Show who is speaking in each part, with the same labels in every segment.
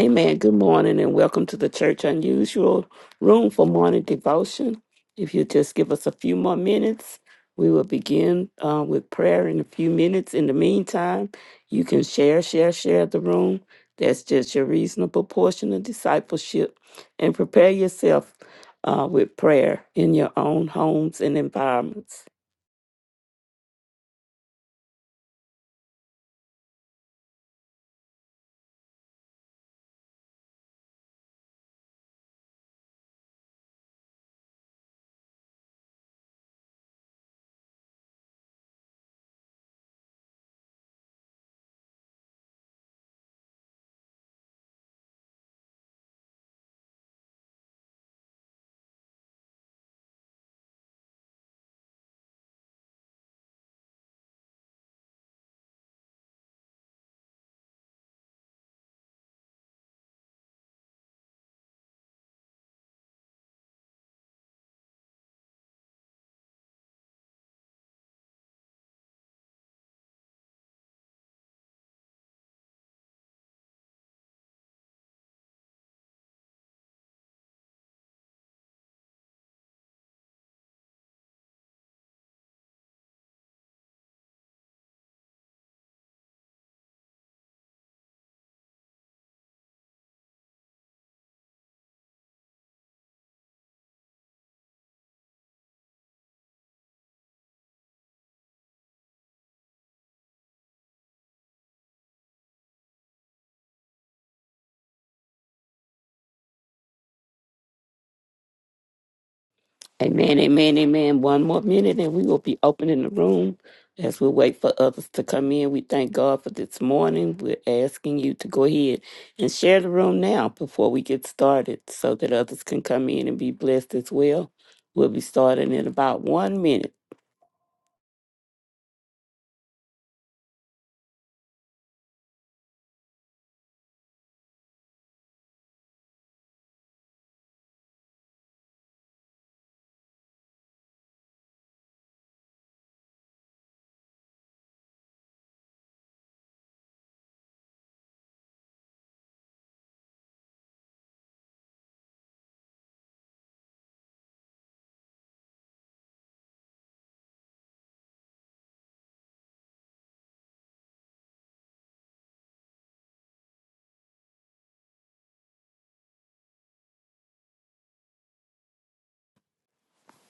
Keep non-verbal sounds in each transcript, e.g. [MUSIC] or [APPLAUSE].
Speaker 1: Amen. Good morning and welcome to the Church Unusual Room for Morning Devotion. If you just give us a few more minutes, we will begin uh, with prayer in a few minutes. In the meantime, you can share, share, share the room. That's just your reasonable portion of discipleship. And prepare yourself uh, with prayer in your own homes and environments. Amen, amen, amen. One more minute and we will be opening the room as we wait for others to come in. We thank God for this morning. We're asking you to go ahead and share the room now before we get started so that others can come in and be blessed as well. We'll be starting in about one minute.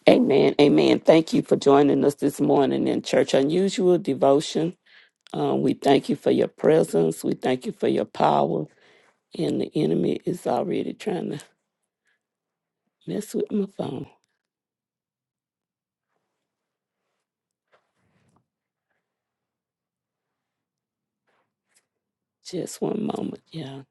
Speaker 1: Amen, amen. Thank you for joining us this morning in Church Unusual Devotion. Um, we thank you for your presence. We thank you for your power. And the enemy is already trying to mess with my phone. Just one moment, yeah.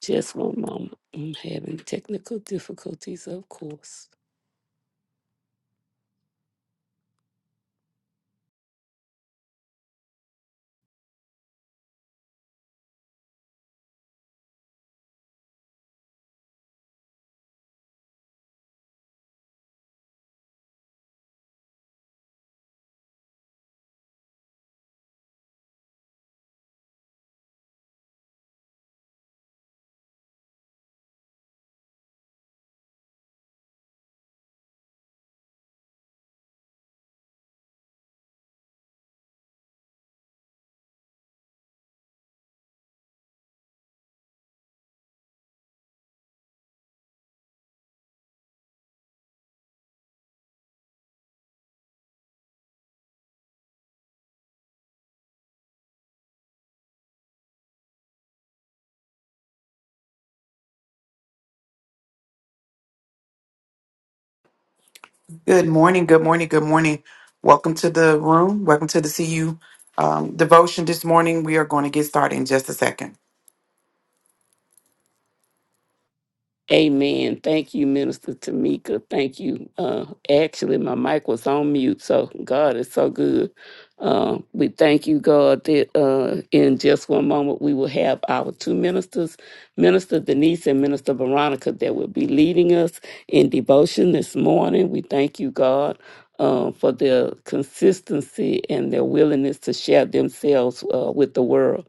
Speaker 1: Just one moment. I'm having technical difficulties, of course.
Speaker 2: Good morning, good morning, good morning. Welcome to the room. Welcome to the CU um, devotion this morning. We are going to get started in just a second.
Speaker 1: Amen. Thank you, Minister Tamika. Thank you. Uh, actually, my mic was on mute, so God is so good. Uh, we thank you, God, that uh, in just one moment we will have our two ministers, Minister Denise and Minister Veronica, that will be leading us in devotion this morning. We thank you, God. Uh, for their consistency and their willingness to share themselves uh, with the world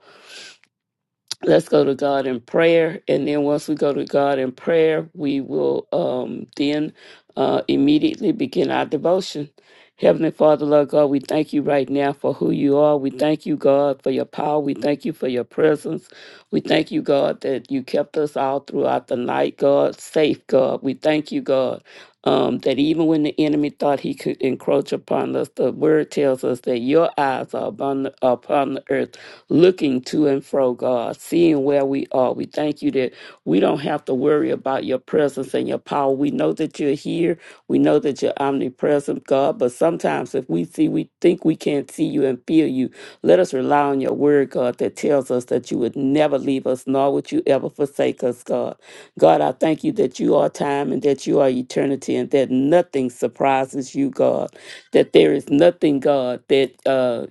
Speaker 1: let's go to God in prayer. And then once we go to God in prayer, we will um, then uh, immediately begin our devotion. Heavenly Father, Lord God, we thank you right now for who you are. We thank you, God, for your power. We thank you for your presence. We thank you, God, that you kept us all throughout the night, God, safe, God. We thank you, God, um, that even when the enemy thought he could encroach upon us, the word tells us that your eyes are upon the, upon the earth looking to and fro, God, seeing where we are. We thank you that we don't have to worry about your presence and your power. We know that you're here. We know that you're omnipresent, God. But sometimes if we see, we think we can't see you and feel you. Let us rely on your word, God, that tells us that you would never leave us, nor would you ever forsake us, God. God, I thank you that you are time and that you are eternity and that nothing surprises you, God. That there is nothing, God, that uh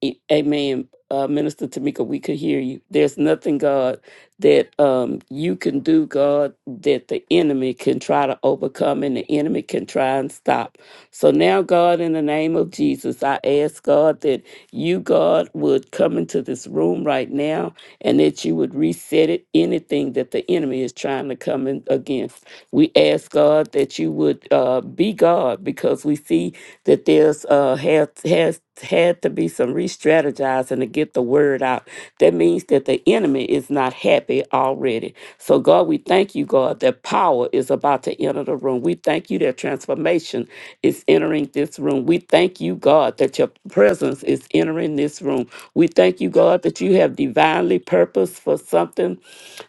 Speaker 1: E- Amen. Uh, Minister Tamika, we could hear you. There's nothing, God, that um, you can do, God, that the enemy can try to overcome and the enemy can try and stop. So now, God, in the name of Jesus, I ask, God, that you, God, would come into this room right now and that you would reset it, anything that the enemy is trying to come in against. We ask, God, that you would uh, be God because we see that there's uh has has had to be some re-strategizing to get the word out. That means that the enemy is not happy already so, God, we thank you, God, that power is about to enter the room. We thank you that transformation is entering this room. We thank you, God, that your presence is entering this room. We thank you, God, that you have divinely purposed for something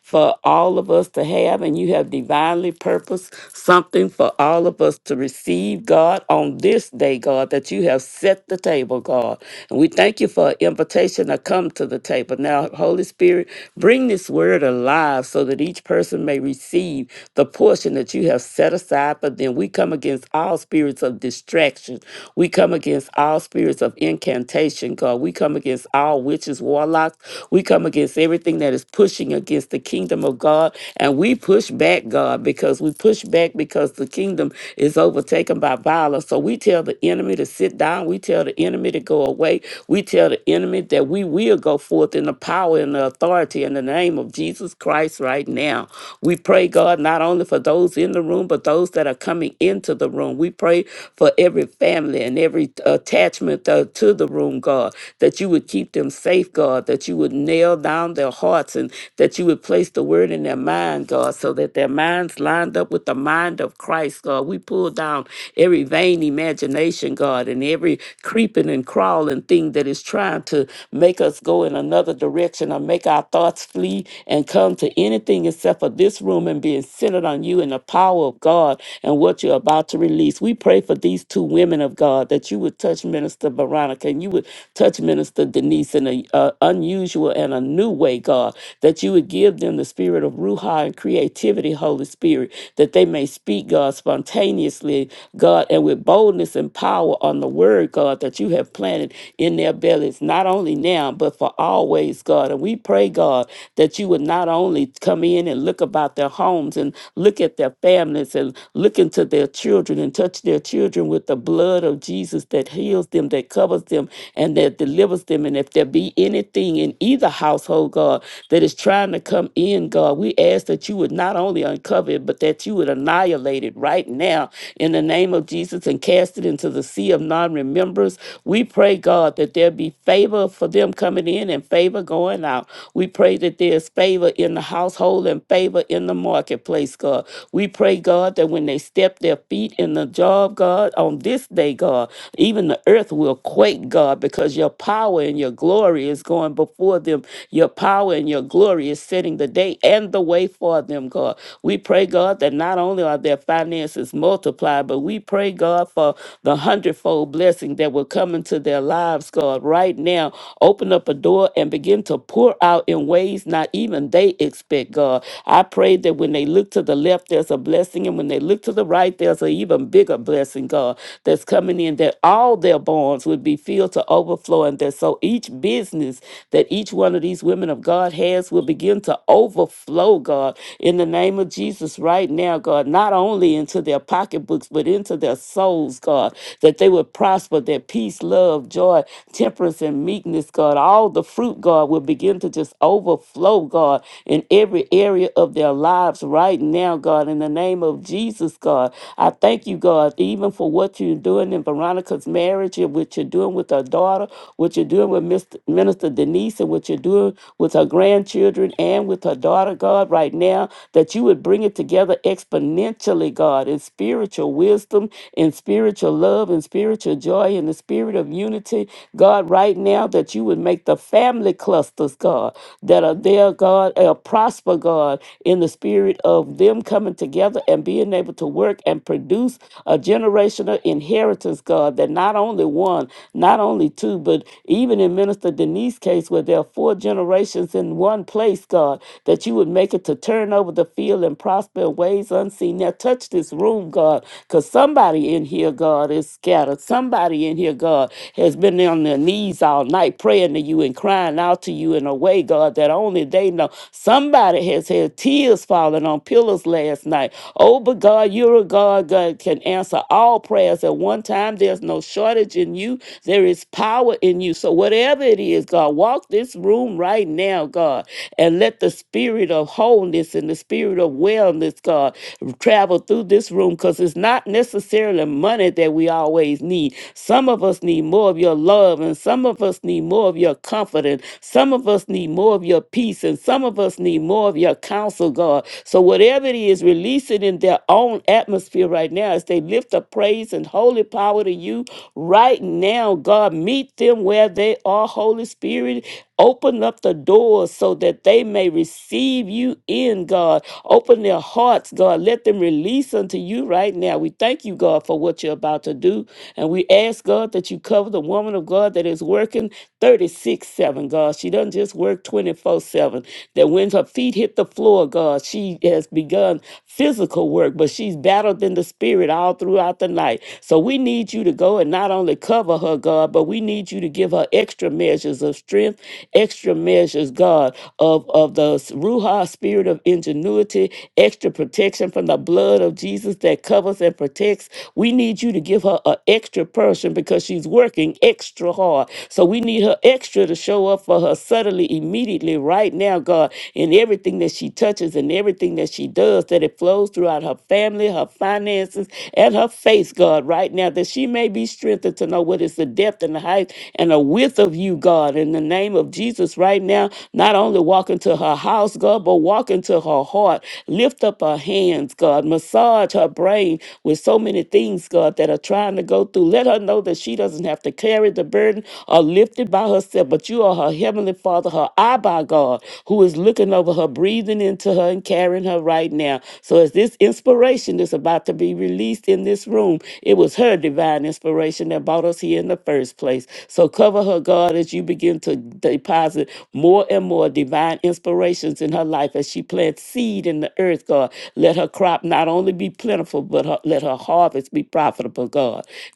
Speaker 1: for all of us to have, and you have divinely purposed something for all of us to receive, God, on this day, God, that you have set the table, God. And we thank you for an invitation to come to the table. Now, Holy Spirit, bring. Bring this word alive so that each person may receive the portion that you have set aside for them. We come against all spirits of distraction. We come against all spirits of incantation, God. We come against all witches, warlocks. We come against everything that is pushing against the kingdom of God. And we push back, God, because we push back because the kingdom is overtaken by violence. So we tell the enemy to sit down. We tell the enemy to go away. We tell the enemy that we will go forth forth in the power and the authority in the name of Jesus Christ right now. We pray, God, not only for those in the room, but those that are coming into the room. We pray for every family and every attachment uh, to the room, God, that you would keep them safe, God, that you would nail down their hearts and that you would place the word in their mind, God, so that their minds lined up with the mind of Christ, God. We pull down every vain imagination, God, and every creeping and crawling thing that is trying trying to make us go in another direction or make our thoughts flee and come to anything except for this room and being centered on you and the power of God and what you're about to release. We pray for these two women of God that you would touch Minister Veronica and you would touch Minister Denise in an unusual and a new way, God, that you would give them the spirit of Ruha and creativity, Holy Spirit, that they may speak, God, spontaneously, God, and with boldness and power on the word, God, that you have have planted in their bellies, not only now, but for always, God. And we pray, God, that you would not only come in and look about their homes and look at their families and look into their children and touch their children with the blood of Jesus that heals them, that covers them, and that delivers them. And if there be anything in either household, God, that is trying to come in, God, we ask that you would not only uncover it, but that you would annihilate it right now in the name of Jesus and cast it into the the sea of non remembrance. We pray, God, that there be favor for them coming in and favor going out. We pray that there's favor in the household and favor in the marketplace, God. We pray, God, that when they step their feet in the job, God, on this day, God, even the earth will quake, God, because your power and your glory is going before them. Your power and your glory is setting the day and the way for them, God. We pray, God, that not only are their finances multiplied, but but we pray, God, for the hundredfold blessing that will come into their lives, God, right now. Open up a door and begin to pour out in ways not even they expect, God. I pray that when they look to the left, there's a blessing, and when they look to the right, there's an even bigger blessing, God, that's coming in, that all their barns would be filled to overflowing. that so each business that each one of these women of God has will begin to overflow, God, in the name of Jesus right now, God. Not only only into their pocketbooks, but into their souls, God, that they would prosper, that peace, love, joy, temperance, and meekness, God, all the fruit, God, will begin to just overflow, God, in every area of their lives right now, God, in the name of Jesus, God. I thank you, God, even for what you're doing in Veronica's marriage, and what you're doing with her daughter, what you're doing with Mr. Minister Denise, and what you're doing with her grandchildren and with her daughter, God, right now, that you would bring bring it together exponentially, God, in spiritual wisdom, in spiritual love, in spiritual joy, in the spirit of unity, God, right now, that you would make the family clusters, God, that are there, God, uh, prosper, God, in the spirit of them coming together and being able to work and produce a generational inheritance, God, that not only one, not only two, but even in Minister Denise's case, where there are four generations in one place, God, that you would would make it to turn over the field and prosper in ways unseen. Now touch this room, God, because somebody in here, God, is scattered. Somebody in here, God, has been on their knees all night praying to you and crying out to you in a way, God, that only they know. Somebody has had tears falling on pillows last night. Oh, but God, you're a God, that can answer all prayers at one time. There's no shortage in you. There is power in you. So whatever it is, God, walk this room right now, God. God. And let the spirit of wholeness and the spirit of wellness, God, travel through this room because it's not necessarily money that we always need. Some of us need more of your love, and some of us need more of your confidence. Some of us need more of your peace, and some of us need more of your counsel, God. So, whatever it is, release it in their own atmosphere right now as they lift up praise and holy power to you right now, God. Meet them where they are, Holy Spirit, Open up the doors so that they may receive you in, God. Open their hearts, God. Let them release unto you right now. We thank you, God, for what you're about to do. And we ask, God, that you cover the woman of God that is working 36 7, God. She doesn't just work 24 7 that when her feet hit the floor, God, she has begun physical work, but she's battled in the spirit all throughout the night. So we need you to go and not only cover her, God, but we need you to give her extra measures of strength, extra measures, God, of, of the Ruha spirit of ingenuity, extra protection from the blood of Jesus that covers and protects. We need you to give her an extra person because she's working extra hard. So we need her extra to show up show up for her suddenly, immediately, right now, God, in everything that she touches and everything that she does, that it flows throughout her family, her finances, and her face, God, right now, that she may be strengthened to know what is the depth and the height and the width of you, God, in the name of Jesus, right now, not only walk into her house, God, but walk into her heart, lift up her hands, God, massage her brain with so many things, God, that are trying to go through. Let her know that she doesn't have to carry that the burden are lifted by herself, but you are her heavenly father, her Abba God, who is looking over her, breathing into her, and carrying her right now. So as this inspiration is about to be released in this room, it was her divine inspiration that brought us here in the first place. So cover her, God, as you begin to deposit more and more divine inspirations in her life as she plants seed in the earth, God. Let her crop not only be plentiful, but her, let her harvest be profitable, God.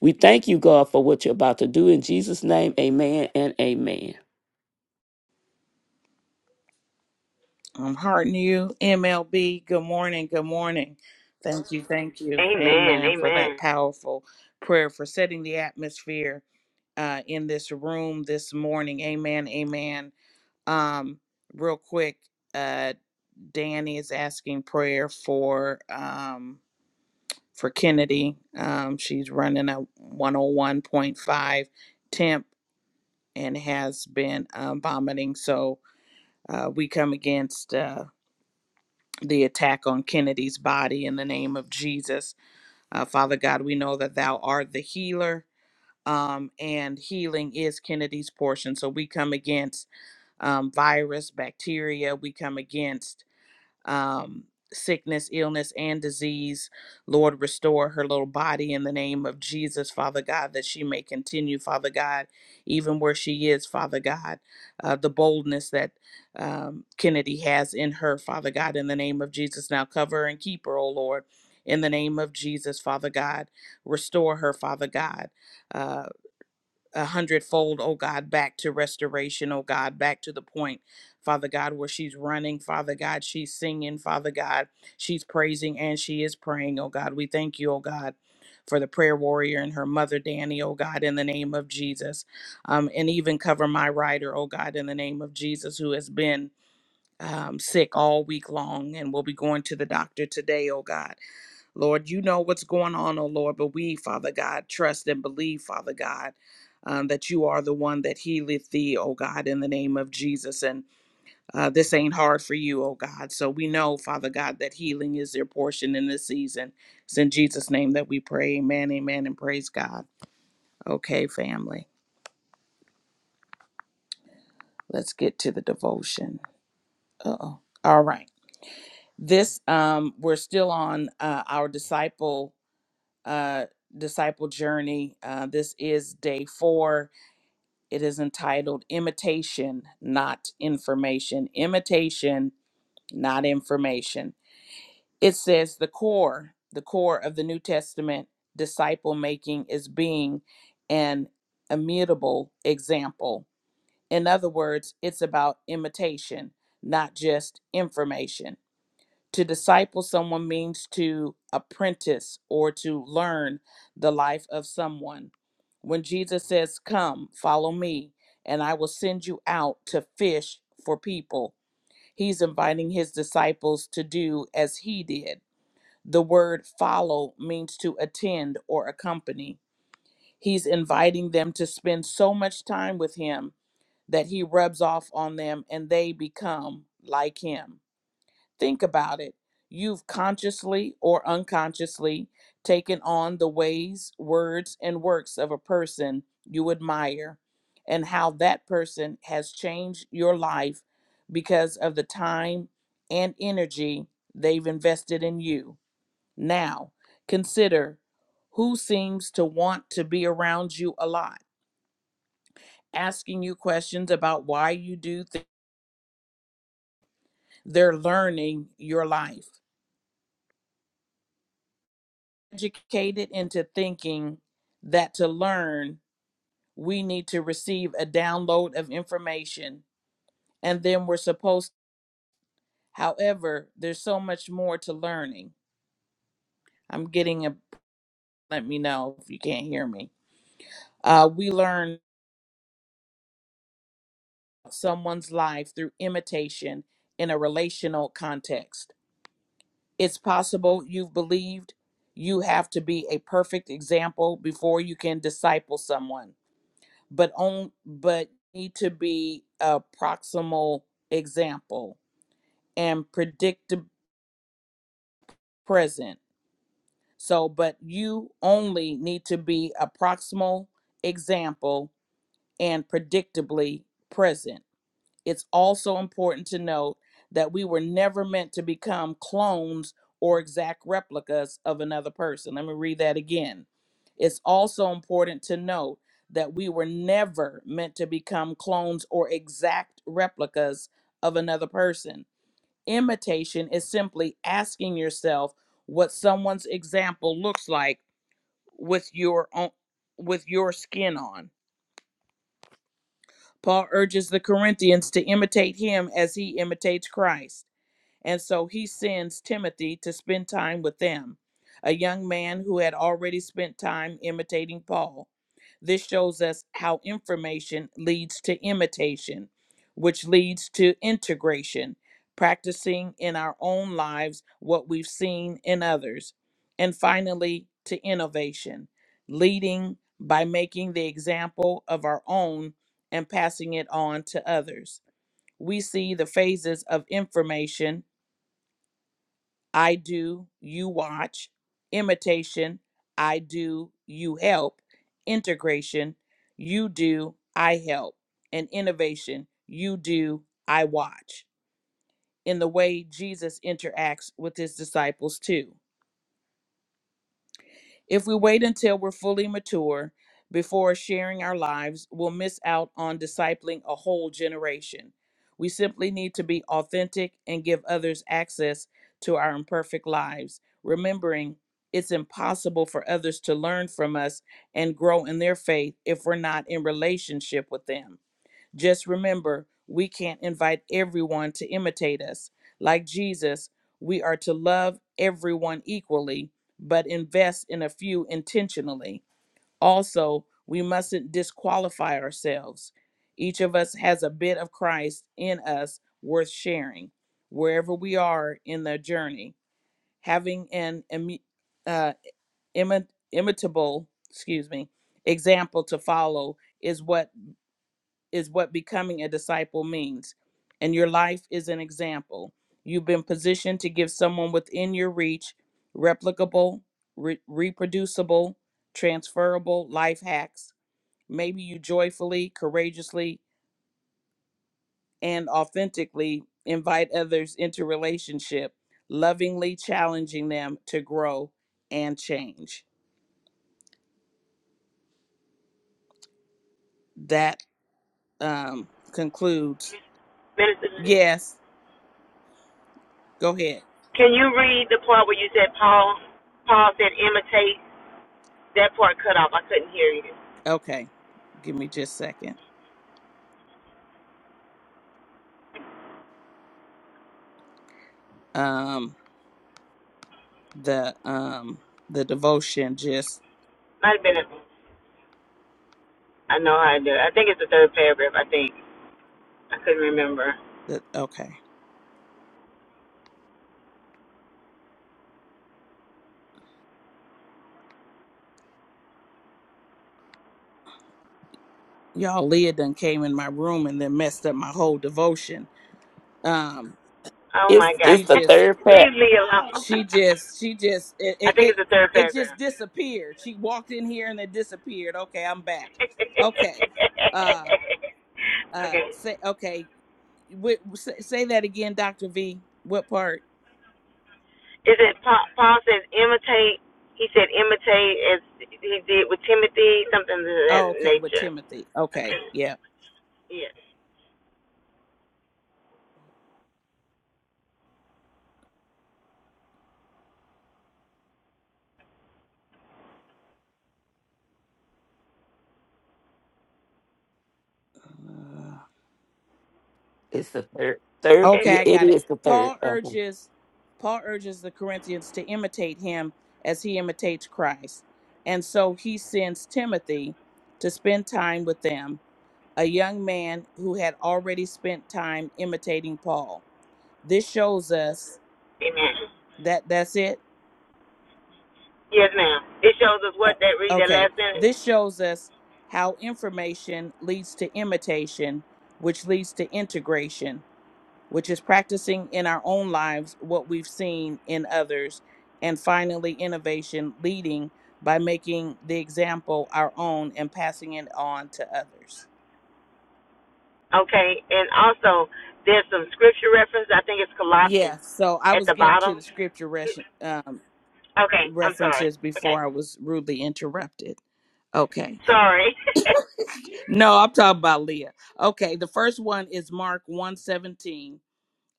Speaker 1: We thank you, God, for what you're about to do in Jesus' name. Amen and amen.
Speaker 3: I'm hearting you, MLB. Good morning. Good morning. Thank you. Thank you.
Speaker 4: Amen.
Speaker 3: Amen for that
Speaker 4: Amen.
Speaker 3: powerful prayer for setting the atmosphere uh, in this room this morning. Amen. Amen. Um, real quick, uh, Danny is asking prayer for um, for Kennedy. Um, she's running a 101.5 temp and has been um, vomiting. So uh, we come against. Uh, the attack on Kennedy's body in the name of Jesus. Uh, Father God, we know that thou art the healer. Um, and healing is Kennedy's portion. So we come against um, virus, bacteria. We come against um, sickness, illness, and disease. Lord, restore her little body in the name of Jesus, Father God, that she may continue, Father God, even where she is, Father God, uh, the boldness that um, Kennedy has in her, Father God, in the name of Jesus. Now cover and keep her, oh Lord. In the name of Jesus, Father God, restore her, Father God. uh a hundredfold, oh God, back to restoration, oh God, back to the point, Father God, where she's running, Father God, she's singing, Father God, she's praising and she is praying, oh God. We thank you, oh God. For the prayer warrior and her mother, Danny, oh God, in the name of Jesus. Um, and even cover my rider, oh God, in the name of Jesus, who has been um, sick all week long and will be going to the doctor today, oh God. Lord, you know what's going on, oh Lord, but we, Father God, trust and believe, Father God, um, that you are the one that healeth thee, oh God, in the name of Jesus. And uh, this ain't hard for you, oh God. So we know, Father God, that healing is your portion in this season. It's in Jesus' name that we pray. Amen, amen, and praise God. Okay, family, let's get to the devotion. Uh oh. All right. This, um, we're still on uh, our disciple uh, disciple journey. Uh, this is day four. It is entitled Imitation, Not Information. Imitation, Not Information. It says the core, the core of the New Testament disciple making is being an immutable example. In other words, it's about imitation, not just information. To disciple someone means to apprentice or to learn the life of someone. When Jesus says, Come, follow me, and I will send you out to fish for people, he's inviting his disciples to do as he did. The word follow means to attend or accompany. He's inviting them to spend so much time with him that he rubs off on them and they become like him think about it, you've consciously or unconsciously taken on the ways, words, and works of a person you admire, and how that person has changed your life because of the time and energy they've invested in you. Now, consider who seems to want to be around you a lot, asking you questions about why you do things. They're learning your life. educated into thinking that to learn, we need to receive a download of information and then we're supposed, however, there's so much more to learning. I'm getting a, let me know if you can't hear me. Uh, we learn someone's life through imitation in a relational context. It's possible you've believed you have to be a perfect example before you can disciple someone but on but need to be a proximal example and predict present so but you only need to be a proximal example and predictably present It's also important to note that we were never meant to become clones or exact replicas of another person. Let me read that again. It's also important to note that we were never meant to become clones or exact replicas of another person. Imitation is simply asking yourself what someone's example looks like with your own, with your skin on. Paul urges the Corinthians to imitate him as he imitates Christ. And so he sends Timothy to spend time with them, a young man who had already spent time imitating Paul. This shows us how information leads to imitation, which leads to integration, practicing in our own lives what we've seen in others. And finally, to innovation, leading by making the example of our own and passing it on to others. We see the phases of information I do, you watch, imitation, I do, you help, integration, you do, I help, and innovation, you do, I watch, in the way Jesus interacts with his disciples too. If we wait until we're fully mature before sharing our lives, we'll miss out on discipling a whole generation. We simply need to be authentic and give others access to our imperfect lives, remembering it's impossible for others to learn from us and grow in their faith if we're not in relationship with them. Just remember, we can't invite everyone to imitate us. Like Jesus, we are to love everyone equally, but invest in a few intentionally. Also, we mustn't disqualify ourselves. Each of us has a bit of Christ in us worth sharing, wherever we are in the journey. Having an imi- uh, imi- imitable, excuse me, example to follow is what is what becoming a disciple means, and your life is an example. You've been positioned to give someone within your reach replicable, re- reproducible, transferable life hacks. Maybe you joyfully, courageously, and authentically invite others into relationship, lovingly challenging them to grow and change. That um, concludes.
Speaker 4: Minister,
Speaker 3: Yes, go ahead.
Speaker 4: can you read the part where you said Paul? Paul said imitate. That part cut off. I couldn't hear you.
Speaker 3: Okay, give me just a second. um the um the devotion just
Speaker 4: Might have been. A, I know I do. I think it's the third paragraph. I think I couldn't remember.
Speaker 3: the okay y'all leah done came in my room and then messed up my whole devotion um
Speaker 4: Oh
Speaker 1: It's
Speaker 4: my God.
Speaker 1: it's
Speaker 3: she
Speaker 1: the
Speaker 4: [LAUGHS]
Speaker 3: just
Speaker 1: third pack.
Speaker 4: Leave me alone.
Speaker 3: she just she just it
Speaker 4: [LAUGHS] I
Speaker 3: it,
Speaker 4: think
Speaker 3: it
Speaker 4: it's the third
Speaker 3: it
Speaker 4: paragraph.
Speaker 3: just disappeared she walked in here and it disappeared okay i'm back okay uh
Speaker 4: [LAUGHS]
Speaker 3: uh
Speaker 4: okay.
Speaker 3: say okay Wait, say, say that again dr v what part
Speaker 4: Is it Paul, Paul says imitate? He said imitate as he did with Timothy, something of that
Speaker 3: oh okay with
Speaker 4: nature.
Speaker 3: timothy okay
Speaker 4: Okay.
Speaker 3: yeah
Speaker 4: Yes.
Speaker 1: It's the third third.
Speaker 3: Okay,
Speaker 1: yeah,
Speaker 4: Yeah.
Speaker 3: I
Speaker 1: It
Speaker 3: got it.
Speaker 1: is the third.
Speaker 3: Paul
Speaker 1: Um,
Speaker 3: urges Paul urges the Corinthians to imitate him as he imitates Christ. And so he sends Timothy to spend time with them, a young man who had already spent time imitating Paul. This shows us
Speaker 4: Amen.
Speaker 3: that that's it.
Speaker 4: Yes, ma'am. It shows us
Speaker 3: Uh,
Speaker 4: what that read that
Speaker 3: Okay.
Speaker 4: last sentence.
Speaker 3: This shows us how information leads to imitation, which leads to integration which is practicing in our own lives what we've seen in others, and finally, innovation, leading by making the example our own and passing it on to others.
Speaker 4: Okay, and also there's some scripture reference. I think it's Colossians
Speaker 3: Yeah, so I
Speaker 4: at
Speaker 3: was
Speaker 4: the
Speaker 3: getting to
Speaker 4: bottom.
Speaker 3: the scripture res- um,
Speaker 4: Okay, I'm sorry.
Speaker 3: references
Speaker 4: Okay,
Speaker 3: before I was rudely interrupted. Okay.
Speaker 4: sorry. [LAUGHS]
Speaker 3: No, I'm talking about Leah. Okay, the first one is Mark 117,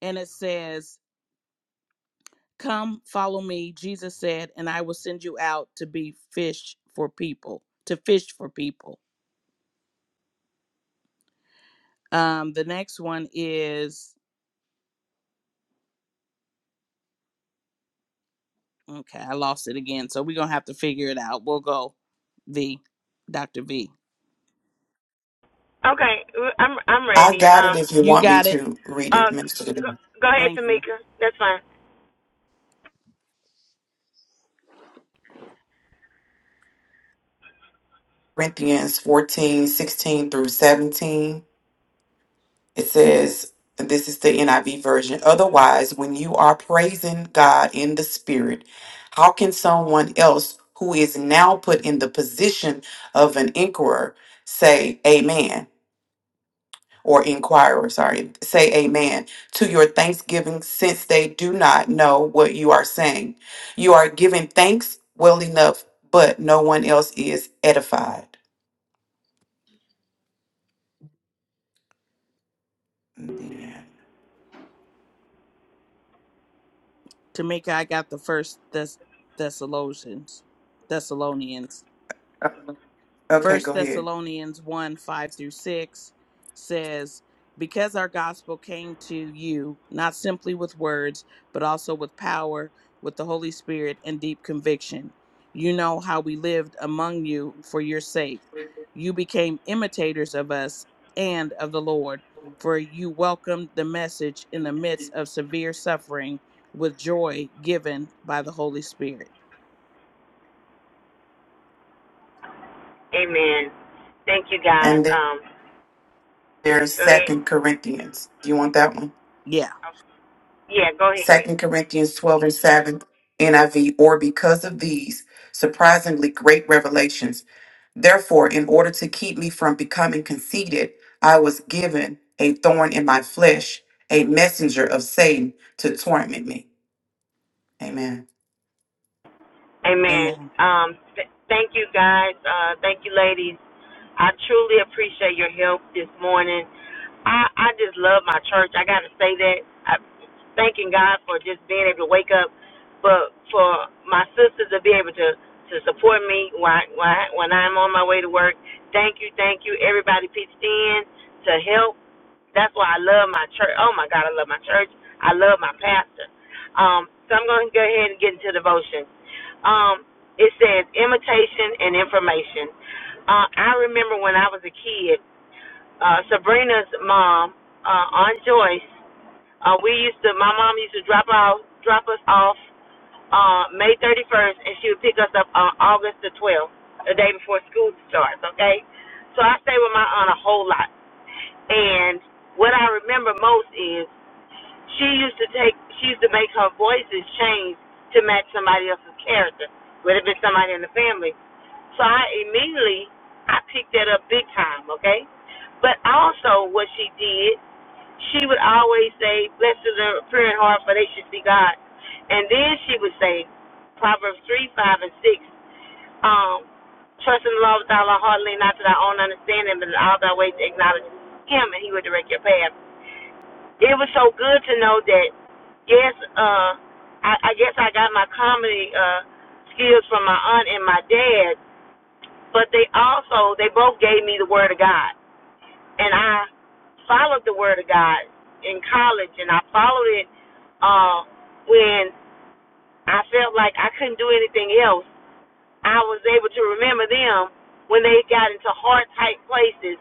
Speaker 3: and it says, Come, follow me, Jesus said, and I will send you out to be fish for people, to fish for people. Um, the next one is okay, I lost it again, so we're gonna have to figure it out. We'll go V, Dr. V.
Speaker 4: okay, I'm I'm
Speaker 2: I
Speaker 4: ready.
Speaker 2: got it
Speaker 4: Um,
Speaker 2: if you
Speaker 3: You
Speaker 2: want me
Speaker 3: got it.
Speaker 2: to read
Speaker 4: uh,
Speaker 2: it,
Speaker 4: um,
Speaker 2: Minister. Denise.
Speaker 4: go ahead,
Speaker 3: Thank you.
Speaker 4: Tamika. That's fine.
Speaker 2: Corinthians 14 16 through 17. It says, and this is the NIV version. Otherwise, when you are praising God in the Spirit, how can someone else who is now put in the position of an inquirer say, Amen? or inquirer, sorry, say amen to your thanksgiving since they do not know what you are saying. You are giving thanks well enough, but no one else is edified. And then-
Speaker 3: Tamika, I got the first Thess- Thessalonians. Thessalonians.
Speaker 2: Oh, Okay, go
Speaker 3: First
Speaker 2: ahead.
Speaker 3: Thessalonians 1 5 through 6 says, Because our gospel came to you, not simply with words, but also with power, with the Holy Spirit, and deep conviction. You know how we lived among you for your sake. You became imitators of us and of the Lord, for you welcomed the message in the midst of severe suffering with joy given by the Holy Spirit.
Speaker 4: Amen. Thank you, guys.
Speaker 2: And then
Speaker 4: Um,
Speaker 2: there's
Speaker 4: go ahead.
Speaker 2: Second Corinthians. Do you want that one?
Speaker 3: Yeah.
Speaker 4: Yeah, go ahead.
Speaker 2: Second Corinthians 12 and 7 NIV, or because of these surprisingly great revelations Therefore, in order to keep me from becoming conceited, I was given a thorn in my flesh, a messenger of Satan to torment me. Amen.
Speaker 4: Amen.
Speaker 3: Amen.
Speaker 4: Um, th- thank you, guys. Uh, thank you, ladies. I truly appreciate your help this morning. I I just love my church. I got to say that. I thanking God for just being able to wake up, but for my sisters to be able to to support me when when when I'm on my way to work. Thank you, thank you, everybody pitched in to help. That's why I love my church. Oh my God, I love my church. I love my pastor. Um, so I'm going to go ahead and get into devotion. Um, it says imitation and information. Uh, I remember when I was a kid, uh, Sabrina's mom, uh, Aunt Joyce. Uh, we used to. My mom used to drop out, drop us off uh, May 31st, and she would pick us up on August the 12th, the day before school starts, okay? So I stay with my aunt a whole lot. And what I remember most is she used to take, she used to make her voices change to match somebody else's character. Would have been somebody in the family. So I immediately, I picked that up big time, okay? But also what she did she would always say, Blessed are the pure in heart, for they should see God. And then she would say, Proverbs 3, 5, and 6, um, Trust in the Lord with all our heart, lean not to thy own understanding, but in all thy ways acknowledge him, and he will direct your path. It was so good to know that, yes, uh, I, I guess I got my comedy uh, skills from my aunt and my dad, but they also, they both gave me the word of God and I followed the word of God in college, and I followed it uh, when I felt like I couldn't do anything else. I was able to remember them when they got into hard, tight places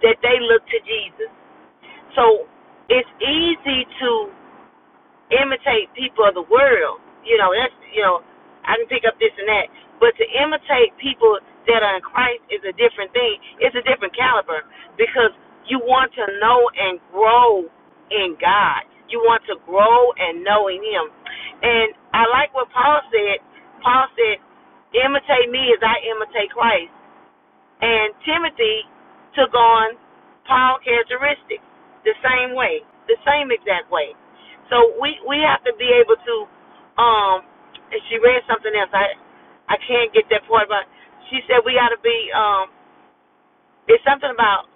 Speaker 4: that they looked to Jesus. So it's easy to imitate people of the world. You know, that's you know, I can pick up this and that. But to imitate people that are in Christ is a different thing. It's a different caliber because you want to know and grow in God. You want to grow and know in Him. And I like what Paul said. Paul said, "Imitate me as I imitate Christ." And Timothy took on Paul characteristics the same way, the same exact way. So we we have to be able to um and she read something else. I I can't get that part but she said we gotta be um it's something about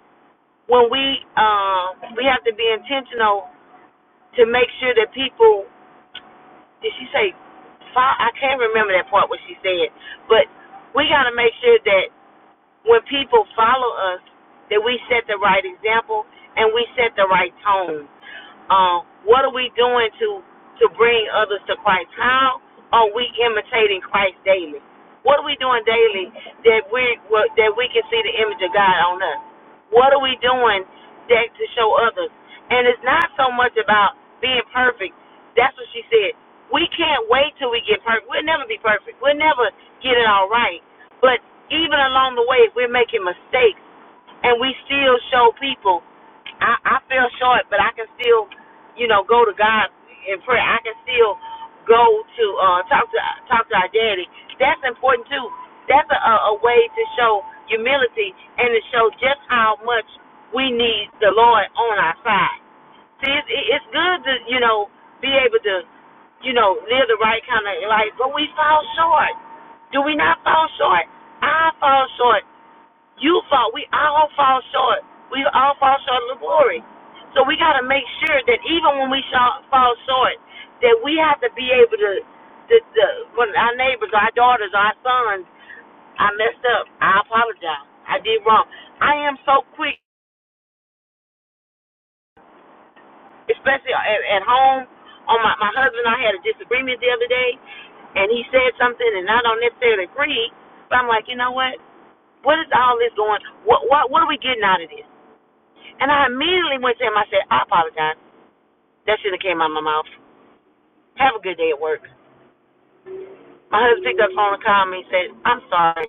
Speaker 4: when we um we have to be intentional to make sure that people did she say I can't remember that part what she said, but we got to make sure that when people follow us that we set the right example and we set the right tone. Um, what are we doing to to bring others to Christ? How are we imitating Christ daily? What are we doing daily that we well, that we can see the image of God on us? What are we doing that to show others? And it's not so much about being perfect. That's what she said. We can't wait till we get perfect. We'll never be perfect. We'll never get it all right. But even along the way, if we're making mistakes and we still show people. I, I fell short, but I can still, you know, go to God in prayer. I can still go to uh, talk to talk to our daddy. That's important too. That's a, a way to show humility and to show just how much we need the Lord on our side. See, it's, it's good to you know be able to you know live the right kind of life, but we fall short. Do we not fall short? I fall short. You fall. We all fall short. We all fall short of the glory. So we got to make sure that even when we shall, fall short, that we have to be able to, to, to, when our neighbors, our daughters, our sons, I messed up. I apologize. I did wrong. I am so quick, especially at, at home. On my my husband, and I had a disagreement the other day, and he said something, and I don't necessarily agree. But I'm like, you know what? What is all this going? What what what are we getting out of this? And I immediately went to him. I said, I apologize. That shouldn't have came out of my mouth. Have a good day at work. My husband picked up the phone and called me and said, I'm sorry.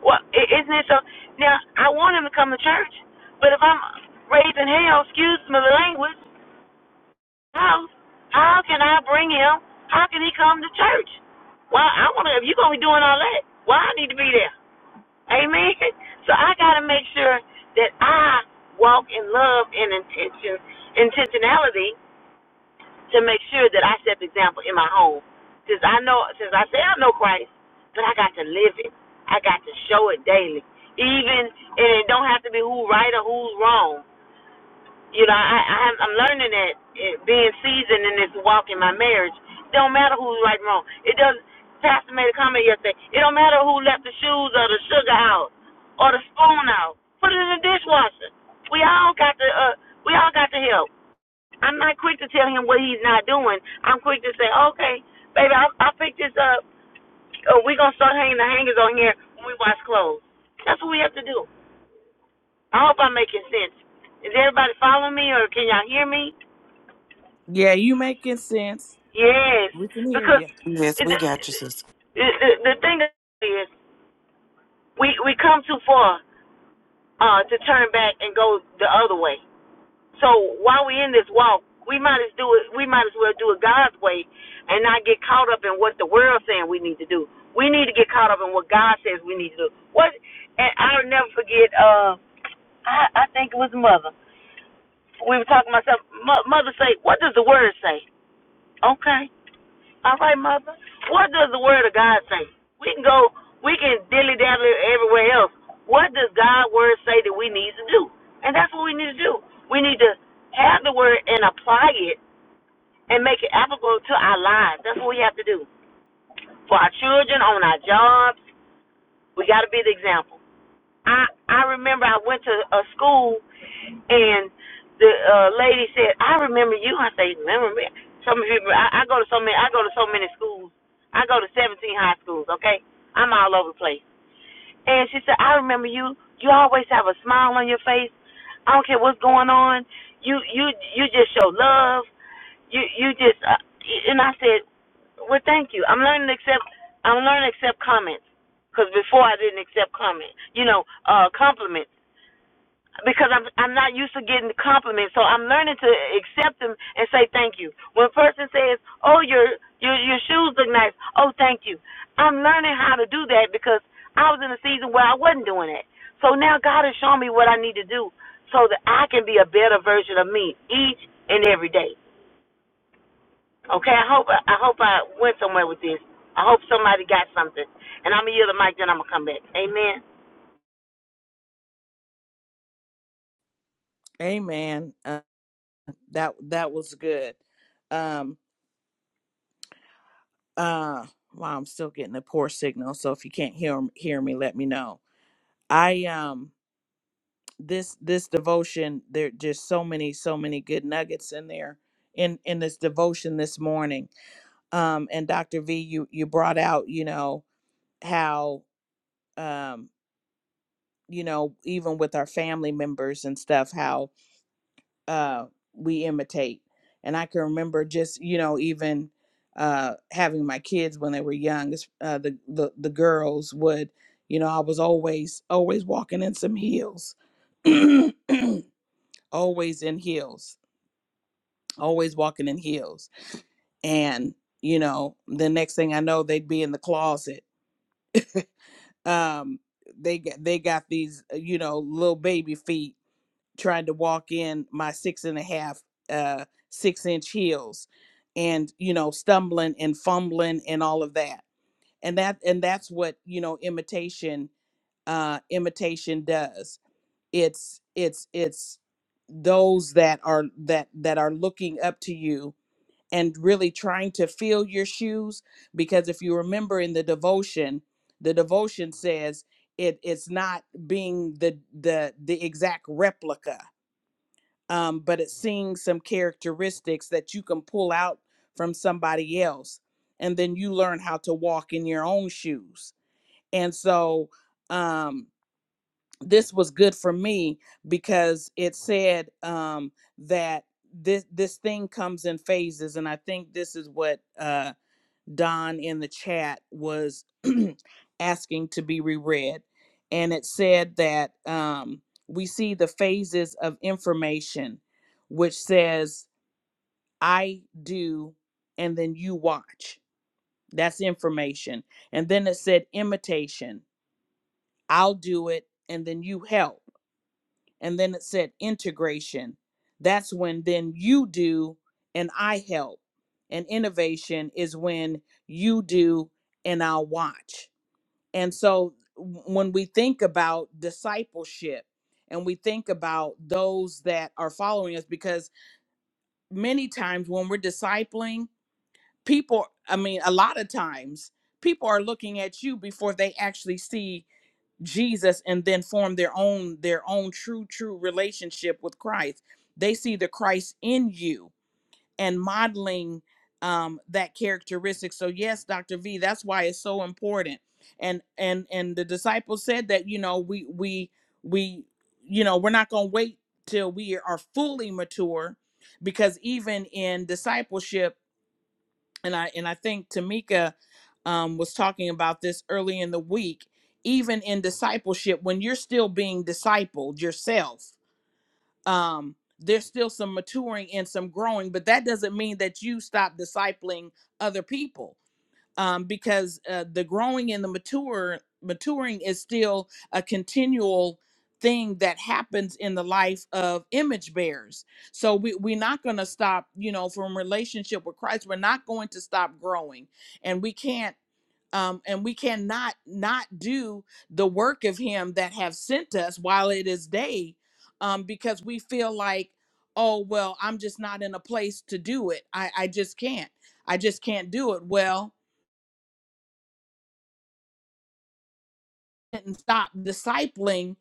Speaker 4: Well, isn't it so? Now, I want him to come to church, but if I'm raised in hell, excuse me the language, how, how can I bring him? How can he come to church? Well, I want to, if you're going to be doing all that, well, I need to be there. Amen. [LAUGHS] So I got to make sure that I walk in love and intention, intentionality to make sure that I set the example in my home. Since I know, since I say I know Christ, but I got to live it. I got to show it daily. Even and it don't have to be who's right or who's wrong. You know, I, I am I'm learning that it, being seasoned in this walk in my marriage. It don't matter who's right and wrong. It doesn't. Pastor made a comment yesterday. It don't matter who left the shoes or the sugar out or the spoon out. Put it in the dishwasher. We all got to uh, we all got to help. I'm not quick to tell him what he's not doing. I'm quick to say, okay, baby, I'll, I'll pick this up. Or we're going to start hanging the hangers on here when we wash clothes. That's what we have to do. I hope I'm making sense. Is everybody following me or can y'all hear me?
Speaker 3: Yeah, you making sense.
Speaker 4: Yes.
Speaker 3: We can hear
Speaker 4: Because
Speaker 3: you.
Speaker 2: Yes,
Speaker 4: the,
Speaker 2: we got you, sis.
Speaker 4: the, the thing is, we, we come too far uh, to turn back and go the other way. So while we're in this walk, we might as do it. We might as well do it God's way, and not get caught up in what the world's saying we need to do. We need to get caught up in what God says we need to do. What? And I'll never forget. Uh, I, I think it was mother. We were talking about something. Mother say, "What does the word say?" Okay. All right, mother. What does the word of God say? We can go, we can dilly dally everywhere else. What does God's word say that we need to do? And that's what we need to do. We need to have the word and apply it and make it applicable to our lives. That's what we have to do for our children, on our jobs. We got to be the example. I I remember I went to a school and the uh, lady said, "I remember you." I say, "Remember me?" So many people. I, I go to so many. I go to so many schools. I go to 17 high schools. Okay, I'm all over the place. And she said, "I remember you. You always have a smile on your face. I don't care what's going on. You you you just show love. You you just." Uh, and I said, "Well, thank you. I'm learning to accept. I'm learning to accept comments. Cause before I didn't accept comments. You know, uh, compliments." because I'm I'm not used to getting compliments, so I'm learning to accept them and say thank you. When a person says, "Oh, your your your shoes look nice," oh, thank you. I'm learning how to do that because I was in a season where I wasn't doing that. So now God is showing me what I need to do so that I can be a better version of me each and every day. Okay, I hope I hope I went somewhere with this. I hope somebody got something, and I'm gonna yield the mic, then I'm gonna come back. Amen.
Speaker 3: Amen. Uh, that that was good. Um uh wow, I'm still getting a poor signal, so if you can't hear hear me, let me know. I um this this devotion there just so many so many good nuggets in there in in this devotion this morning. Um and Dr. V you you brought out, you know, how um you know, even with our family members and stuff, how. uh, we imitate. And I can remember just you know even uh, having my kids when they were young. Uh, the the the girls would you know I was always always walking in some heels, [CLEARS THROAT] always in heels, always walking in heels. And you know the next thing I know they'd be in the closet. Um, they got they got these uh, you know little baby feet trying to walk in my six and a half, uh, six inch heels and, you know, stumbling and fumbling and all of that. And that, and that's what, you know, imitation, uh, imitation does. It's, it's, it's those that are, that, that are looking up to you and really trying to fill your shoes. Because if you remember in the devotion, the devotion says it, it's not being the, the, the exact replica um, but it's seeing some characteristics that you can pull out from somebody else. And then you learn how to walk in your own shoes. And so um, this was good for me because it said um, that this this thing comes in phases. And I think this is what uh, Don in the chat was [CLEARS THROAT] asking to be reread. And it said that um, we see the phases of information, which says, I do, and then you watch. That's information. And then it said, imitation, I'll do it, and then you help. And then it said, integration. That's when then you do, and I help. And innovation is when you do, and I'll watch And so when we think about discipleship and we think about those that are following us, because many times when we're discipling, people, I mean, a lot of times, people are looking at you before they actually see Jesus and then form their own their own true true relationship with Christ. They see the Christ in you and modeling um, that characteristic. So yes, Dr. V, that's why it's so important. And and and the disciples said that you know we we we you know we're not going to wait till we are fully mature, because even in discipleship, and I and I think Tamika um, was talking about this early in the week. Even in discipleship, when you're still being discipled yourself, um there's still some maturing and some growing but that doesn't mean that you stop discipling other people um because uh, the growing and the mature maturing is still a continual thing that happens in the life of image bearers so we, we're not going to stop you know from relationship with christ we're not going to stop growing and we can't um, and we cannot not do the work of him that have sent us while it is day um, because we feel like oh well i'm just not in a place to do it I, I just can't i just can't do it well didn't stop discipling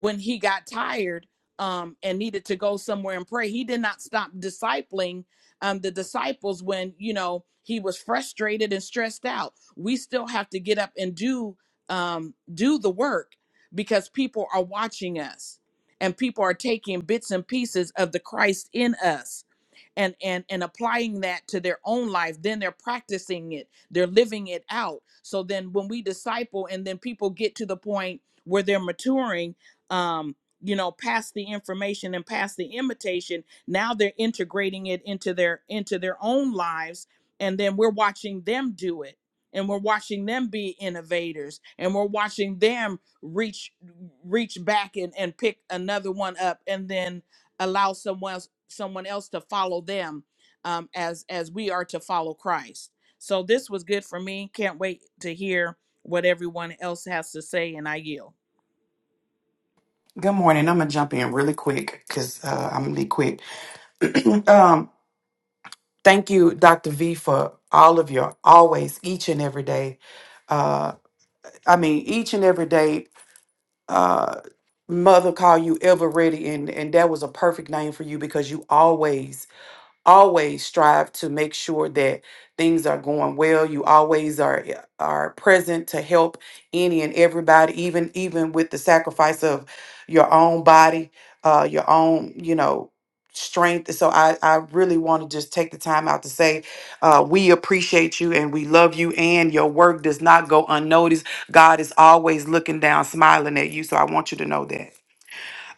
Speaker 3: when he got tired um, and needed to go somewhere and pray. He did not stop discipling um, the disciples when you know he was frustrated and stressed out. We still have to get up and do um, do the work because people are watching us and people are taking bits and pieces of the Christ in us and and and applying that to their own life then they're practicing it they're living it out so then when we disciple and then people get to the point where they're maturing um you know past the information and past the imitation now they're integrating it into their into their own lives and then we're watching them do it and we're watching them be innovators and we're watching them reach reach back and, and pick another one up and then allow someone else, someone else to follow them um, as as we are to follow Christ. So this was good for me. Can't wait to hear what everyone else has to say, and I yield.
Speaker 2: Good morning. I'm gonna jump in really quick because uh, I'm gonna be quick. [CLEARS THROAT] um, thank you, Dr. V, for all of your always, each and every day. Uh, I mean, each and every day. Uh, mother call you ever ready, and and that was a perfect name for you because you always always strive to make sure that things are going well. You always are eh, are present to help any and everybody, even even with the sacrifice of your own body, uh, your own, you know, strength. So I, I really want to just take the time out to say uh, we appreciate you and we love you and your work does not go unnoticed. God is always looking down, smiling at you. So I want you to know that.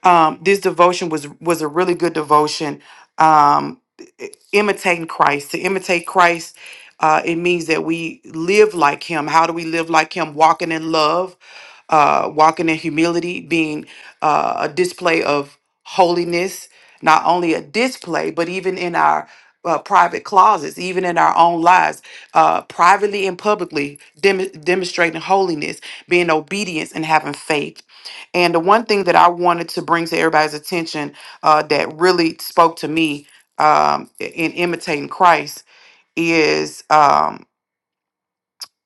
Speaker 2: Um, this devotion was was a really good devotion. Um, i- imitating Christ. To imitate Christ, uh, it means that we live like Him. How do we live like Him? Walking in love, uh, walking in humility, being uh, a display of holiness. Not only a display, but even in our uh, private closets, even in our own lives, uh, privately and publicly, dem- demonstrating holiness, being obedience, and having faith and the one thing that I wanted to bring to everybody's attention uh, that really spoke to me um, i- in imitating Christ is um,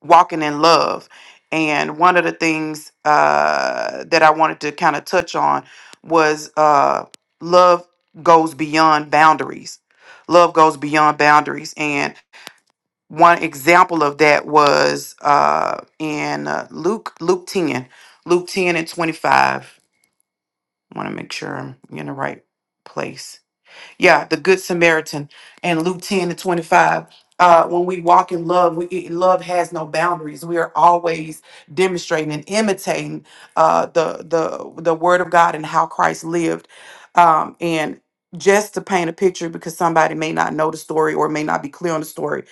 Speaker 2: walking in love. And one of the things uh, that I wanted to kind of touch on was uh, love goes beyond boundaries. Love goes beyond boundaries. And one example of that was uh, in uh, Luke, Luke 10, Luke 10 and 25. I want to make sure I'm in the right place. Yeah, the Good Samaritan and Luke 10 to 25. Uh, when we walk in love, we, it- love has no boundaries. We are always demonstrating and imitating uh, the the the Word of God and how Christ lived. Um, and just to paint a picture, because somebody may not know the story or may not be clear on the story,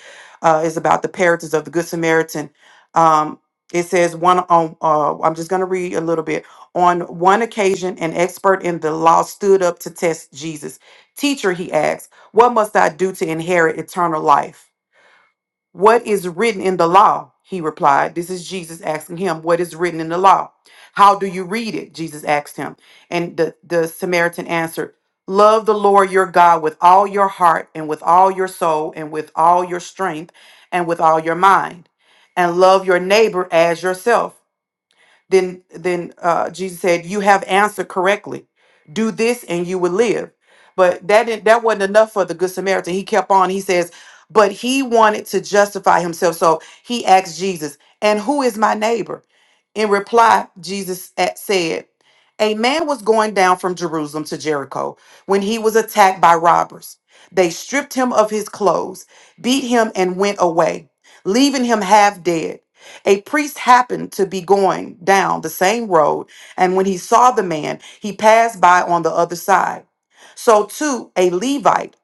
Speaker 2: uh, is about the parables of the Good Samaritan. Um, it says one on. Uh, I'm just going to read a little bit. On one occasion, an expert in the law stood up to test Jesus Teacher, he asked, what must I do to inherit eternal life? What is written in the law? He replied. This is Jesus asking him, What is written in the law? How do you read it? Jesus asked him. And the, the Samaritan answered, Love the Lord your God with all your heart and with all your soul and with all your strength and with all your mind, and love your neighbor as yourself. Then then uh, Jesus said, "You have answered correctly. Do this, and you will live." But that didn't, that wasn't enough for the Good Samaritan. He kept on. He says, "But he wanted to justify himself, so he asked Jesus, 'And who is my neighbor?" In reply, Jesus at- said, A man was going down from Jerusalem to Jericho when he was attacked by robbers. They stripped him of his clothes, beat him, and went away, leaving him half dead. A priest happened to be going down the same road, and when he saw the man, he passed by on the other side. So, too, a Levite,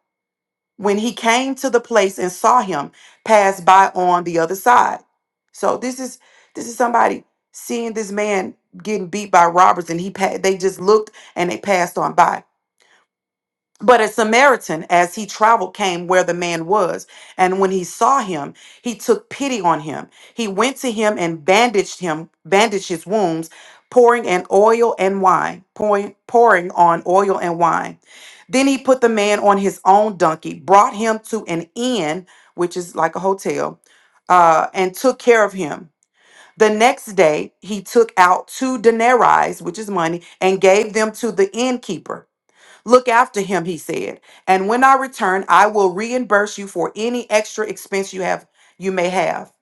Speaker 2: when he came to the place and saw him, passed by on the other side. So, this is this is somebody seeing this man getting beat by robbers, and he pa- they just looked and they passed on by. But a Samaritan, as he traveled, came where the man was. And when he saw him, he took pity on him. He went to him and bandaged him, bandaged his wounds, pouring an oil and wine, pouring, pouring on oil and wine. Then he put the man on his own donkey, brought him to an inn, which is like a hotel, uh, and took care of him. The next day, he took out two denarii, which is money, and gave them to the innkeeper Look after him, he said. And when I return, I will reimburse you for any extra expense you have you may have.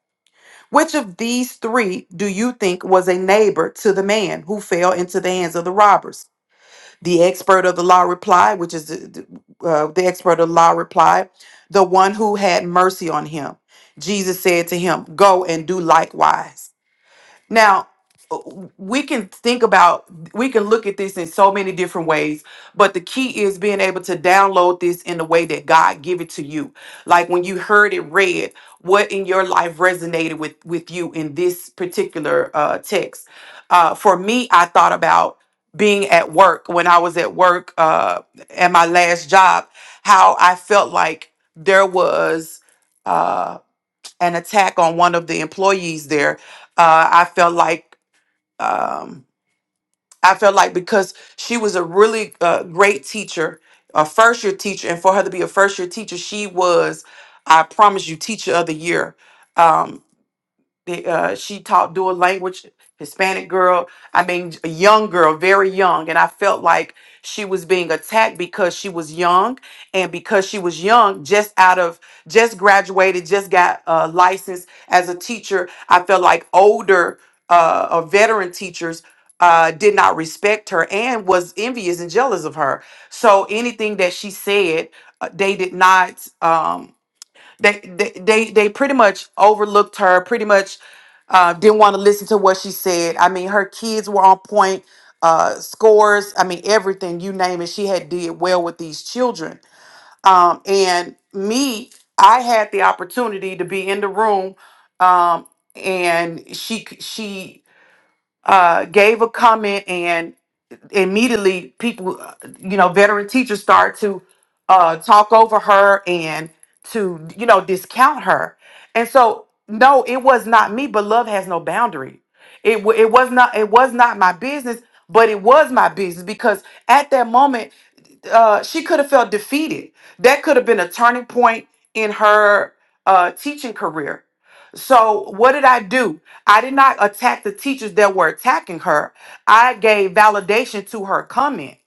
Speaker 2: Which of these three do you think was a neighbor to the man who fell into the hands of the robbers? The expert of the law replied, which is the, the, uh, the expert of the law replied, the one who had mercy on him. Jesus said to him, Go and do likewise. Now, uh, we can think about, we can look at this in so many different ways, but the key is being able to download this in the way that God give it to you. Like when you heard it read, what in your life resonated with with you in this particular uh, text? Uh, for me, I thought about being at work when I was at work uh, at my last job, how I felt like there was. Uh, an attack on one of the employees there uh, i felt like um, i felt like because she was a really uh, great teacher a first year teacher and for her to be a first year teacher she was i promise you teacher of the year Um, they, uh, she taught dual language, Hispanic girl. I mean, a young girl, very young, and I felt like she was being attacked because she was young, and because she was young, just out of just graduated, just got uh, licensed as a teacher. I felt like older uh, or veteran teachers uh, did not respect her and was envious and jealous of her. So anything that she said, uh, they did not. Um, they they they, they pretty much overlooked her. Pretty much uh, didn't want to listen to what she said. I mean, her kids were on point. Uh, scores. I mean, everything you name it. She had did well with these children. Um, and me, I had the opportunity to be in the room. Um, and she she uh gave a comment immediately people, uh, you know, veteran teachers start to uh, talk over her and to, you know, discount her. And so, no, it was not me, but love has no boundary. It, wa- it was not it was not my business, but it was my business because at that moment uh, she could have felt defeated. That could have been a turning point in her uh, teaching career. So what did I do? I did not attack the teachers that were attacking her. I gave validation to her comment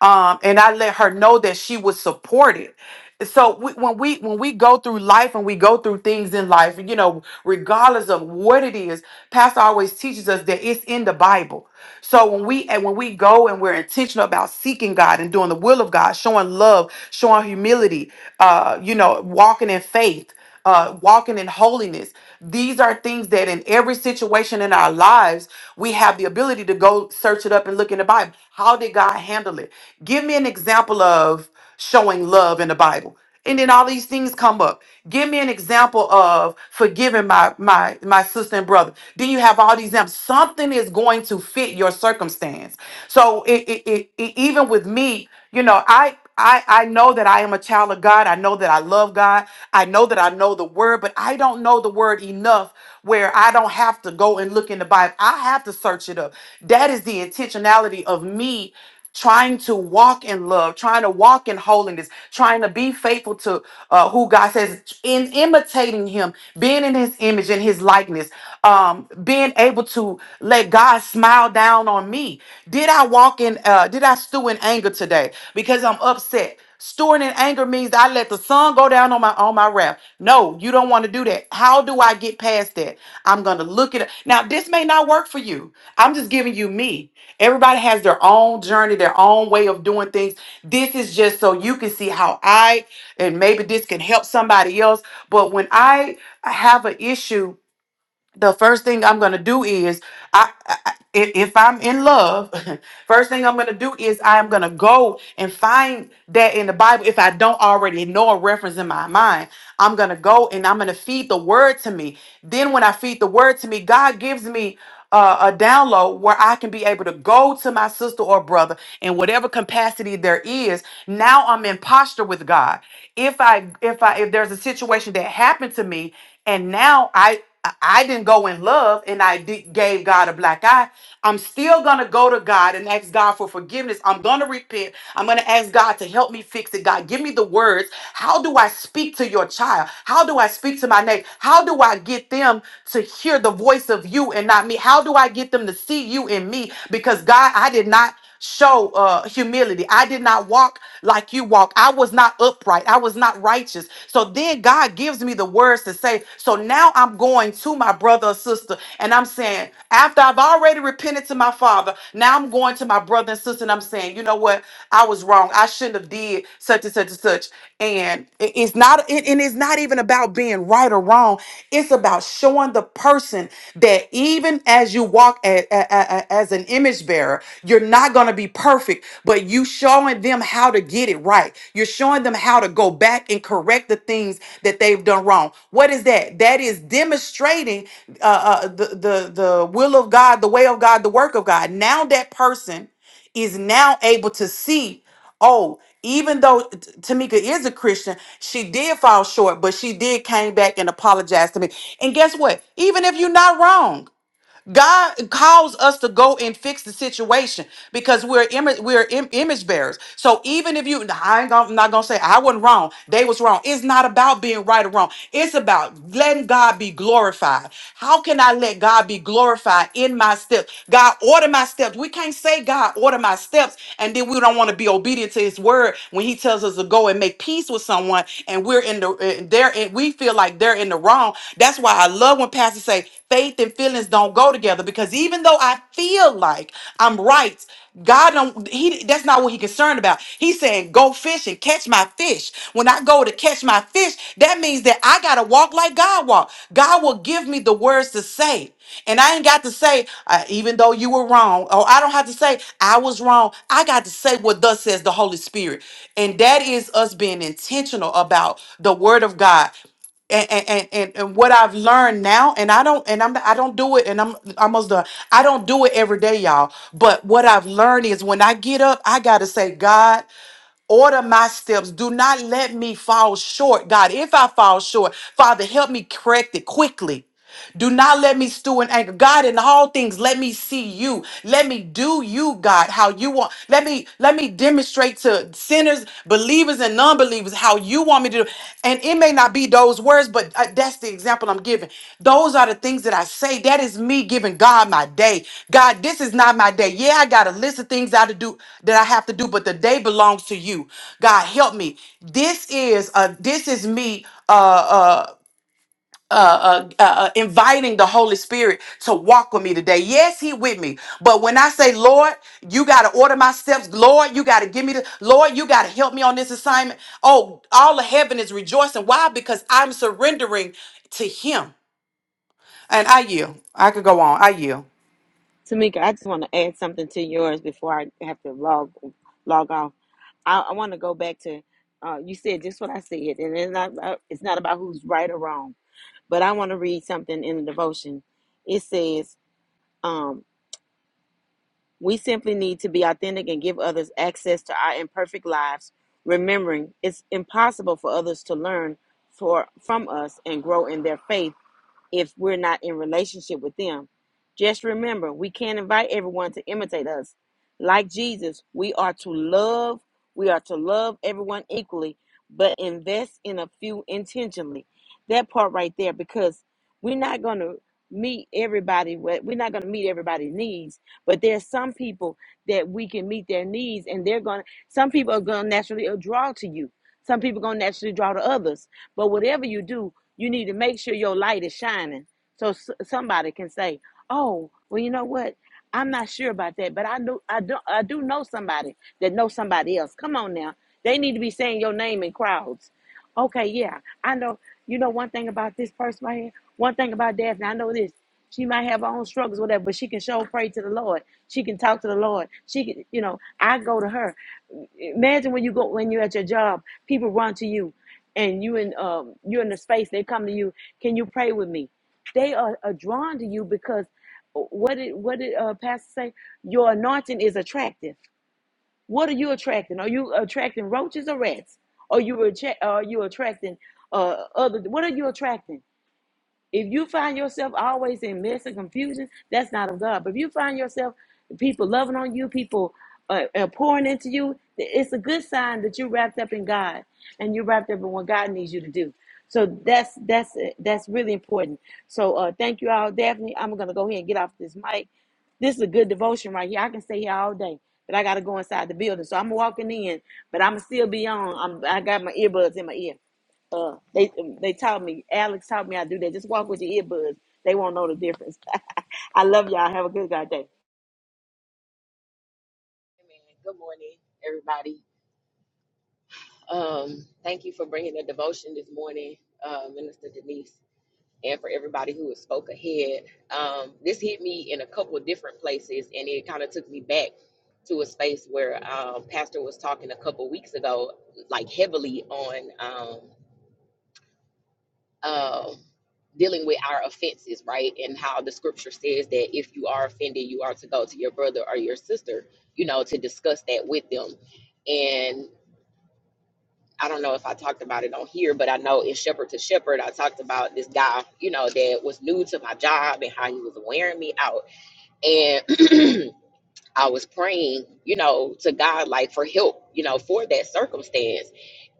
Speaker 2: um, and I let her know that she was supported. So we, when we when we go through life and we go through things in life, you know, regardless of what it is, Pastor always teaches us that it's in the Bible. So when we and when we go and we're intentional about seeking God and doing the will of God, showing love, showing humility, uh, you know, walking in faith, uh, walking in holiness. These are things that in every situation in our lives we have the ability to go search it up and look in the Bible. How did God handle it? Give me an example of showing love in the Bible. And then all these things come up. Give me an example of forgiving my my my sister and brother. Then you have all these examples. Something is going to fit your circumstance. So it, it, it, it- even with me, you know, I. I, I know that I am a child of God. I know that I love God. I know that I know the word, but I don't know the word enough where I don't have to go and look in the Bible. I have to search it up. That is the intentionality of me trying to walk in love, trying to walk in holiness, trying to be faithful to uh, who God says says in imitating him, being in his image and his likeness, um, being able to let God smile down on me. Did I walk in? Uh, did I stew in anger today because I'm upset? Stewing in anger means I let the sun go down on my on my wrath. No, you don't want to do that. How do I get past that? I'm gonna look at it. Now, this may not work for you. I'm just giving you me. Everybody has their own journey, their own way of doing things. This is just so you can see how I and maybe this can help somebody else. But when I have an issue, the first thing I'm gonna do is I, I I- if if I'm in love, [LAUGHS] First thing I'm going to do is I am going to go and find that in the Bible if I don't already know a reference in my mind. I'm going to go and I'm going to feed the word to me. Then when I feed the word to me, God gives me uh, a download where I can be able to go to my sister or brother in whatever capacity there is. Now I'm in posture with God. If I if I if there's a situation that happened to me and now I I I didn't go in love and I did, gave God a black eye. I'm still going to go to God and ask God for forgiveness. I'm going to repent. I'm going to ask God to help me fix it. God, give me the words. How do I speak to your child? How do I speak to my neighbor? How do I get them to hear the voice of you and not me? How do I get them to see you in me? Because God, I did not show uh humility i did not walk like you walk i was not upright i was not righteous so then god gives me the words to say so now i'm going to my brother or sister and i'm saying after i've already repented to my father now i'm going to my brother and sister and i'm saying you know what i was wrong i shouldn't have did such and such and such and it- it's not it, and it's not even about being wrong right or wrong. It's about showing the person that even as you walk a- a- a- a- as an image bearer, you're not going to be perfect, but you showing them how to get it right. You're showing them how to go back and correct the things that they've done wrong. What is that? That is demonstrating uh, uh, the, the, the will of God, the way of God, the work of God. Now that person is now able to see, oh, even though T- Tamika is a Christian, she did fall short, but she did came back and apologize to me. And guess what? Even if you're not wrong. God calls us to go and fix the situation because we're image we're im- image bearers. So even if you, I ain't gonna, I'm not gonna say I wasn't wrong. They was wrong. It's not about being right or wrong. It's about letting God be glorified. How can I let God be glorified in my steps? God order my steps. We can't say God order my steps and then we don't want to be obedient to His word when He tells us to go and make peace with someone and we're in the uh, they're in, we feel like they're in the wrong. That's why I love love when pastors say faith and feelings don't go together because even though I feel like I'm right, God don't he that's not what he concerned about. He said, go fish and catch my fish. When I go to catch my fish, that means that I gotta walk like God walked. God will give me the words to say. And I ain't got to say, uh, even though you were wrong, or I don't have to say, I was wrong. I got to say what thus says the Holy Spirit. And that is us being intentional about the word of God and and, and and what I've learned now, and I don't and I'm I don't do it, and I'm almost done. I don't do it every day, y'all. But what I've learned is when I get up, I gotta say, God, order my steps. Do not let me fall short, God. If I fall short, Father, help me correct it quickly. Do not let me stew in anger. God, in all things, let me see you. Let me do you, God, how you want. Let me let me demonstrate to sinners, believers, and non-believers how you want me to do. And it may not be those words, but uh, that's the example I'm giving. Those are the things that I say. That is me giving God my day. God, this is not my day. Yeah, I got a list of things I to do that I have to do, but the day belongs to you. God, help me. This is uh this is me Uh. uh, uh, uh, uh, uh, inviting the Holy Spirit to walk with me today. Yes, He with me. But when I say, Lord, you got to order my steps. Lord, you got to give me the, Lord, you got to help me on this assignment. Oh, all of heaven is rejoicing. Why? Because I'm surrendering to Him. And I yield. I could go on. I yield.
Speaker 4: Tamika, I just want to add something to yours before I have to log log off. I, I want to go back to uh, you said just what I said, and it's not about, it's not about who's right or wrong. But I want to read something in the devotion. It says, um, "We simply need to be authentic and give others access to our imperfect lives, remembering it's impossible for others to learn for from us and grow in their faith." if we're not in relationship with them. Just remember, we can't invite everyone to imitate us. Like Jesus, we are to love, we are to love everyone equally, but invest in a few intentionally. That part right there, because we're not going to meet everybody we're not going to meet everybody's needs but there's some people that we can meet their needs and they're going to some people are going to naturally uh, draw to you some people are going to naturally draw to others but whatever you do, you need to make sure your light is shining so s- somebody can say, "Oh, well, you know what? I'm not sure about that, but I do, I do, I do know somebody that knows somebody else. Come on now, they need to be saying your name in crowds. Okay, yeah, I know. You know one thing about this person right here. One thing about Daphne, I know this. She might have her own struggles, whatever, but she can show pray to the Lord. She can talk to the Lord. She can, you know, I go to her. Imagine when you go when you're at your job, people run to you and you in um you're in the space they come to you can you pray with me they are, are drawn to you because uh, what did what did uh pastor say your anointing is attractive what are you attracting are you attracting roaches or rats are you attra- are you attracting uh other what are you attracting if you find yourself always in mess and confusion, that's not of God. But if you find yourself people loving on you, people uh, uh, pouring into you, th- it's a good sign that you're wrapped up in God and you're wrapped up in what God needs you to do. So that's that's uh, that's really important. So uh, thank you all, Daphne. I'm gonna go ahead and get off this mic. This is a good devotion right here. I can stay here all day, but I gotta go inside the building. So I'm walking in, but I'm still be on. I'm, I got my earbuds in my ear. Uh, they um, they taught me. Alex taught me how to do that. Just walk with your earbuds. They won't know the difference. [LAUGHS] I love y'all. Have a good God day.
Speaker 5: Amen. Good morning, everybody. Um, thank you for bringing the devotion this morning, uh, Minister Denise, and for everybody who has spoke ahead. Um, this hit me in a couple of different places, and it kind of took me back to a space where um, Pastor was talking a couple weeks ago, like heavily on um, um dealing with our offenses, right? And how the Scripture says that if you are offended, you are to go to your brother or your sister, you know, to discuss that with them and. I don't know if I talked about it on here, but I know in Shepherd to Shepherd, I talked about this guy, you know, that was new to my job and how he was wearing me out. And [CLEARS THROAT] I was praying, you know, to God, like for help, you know, for that circumstance.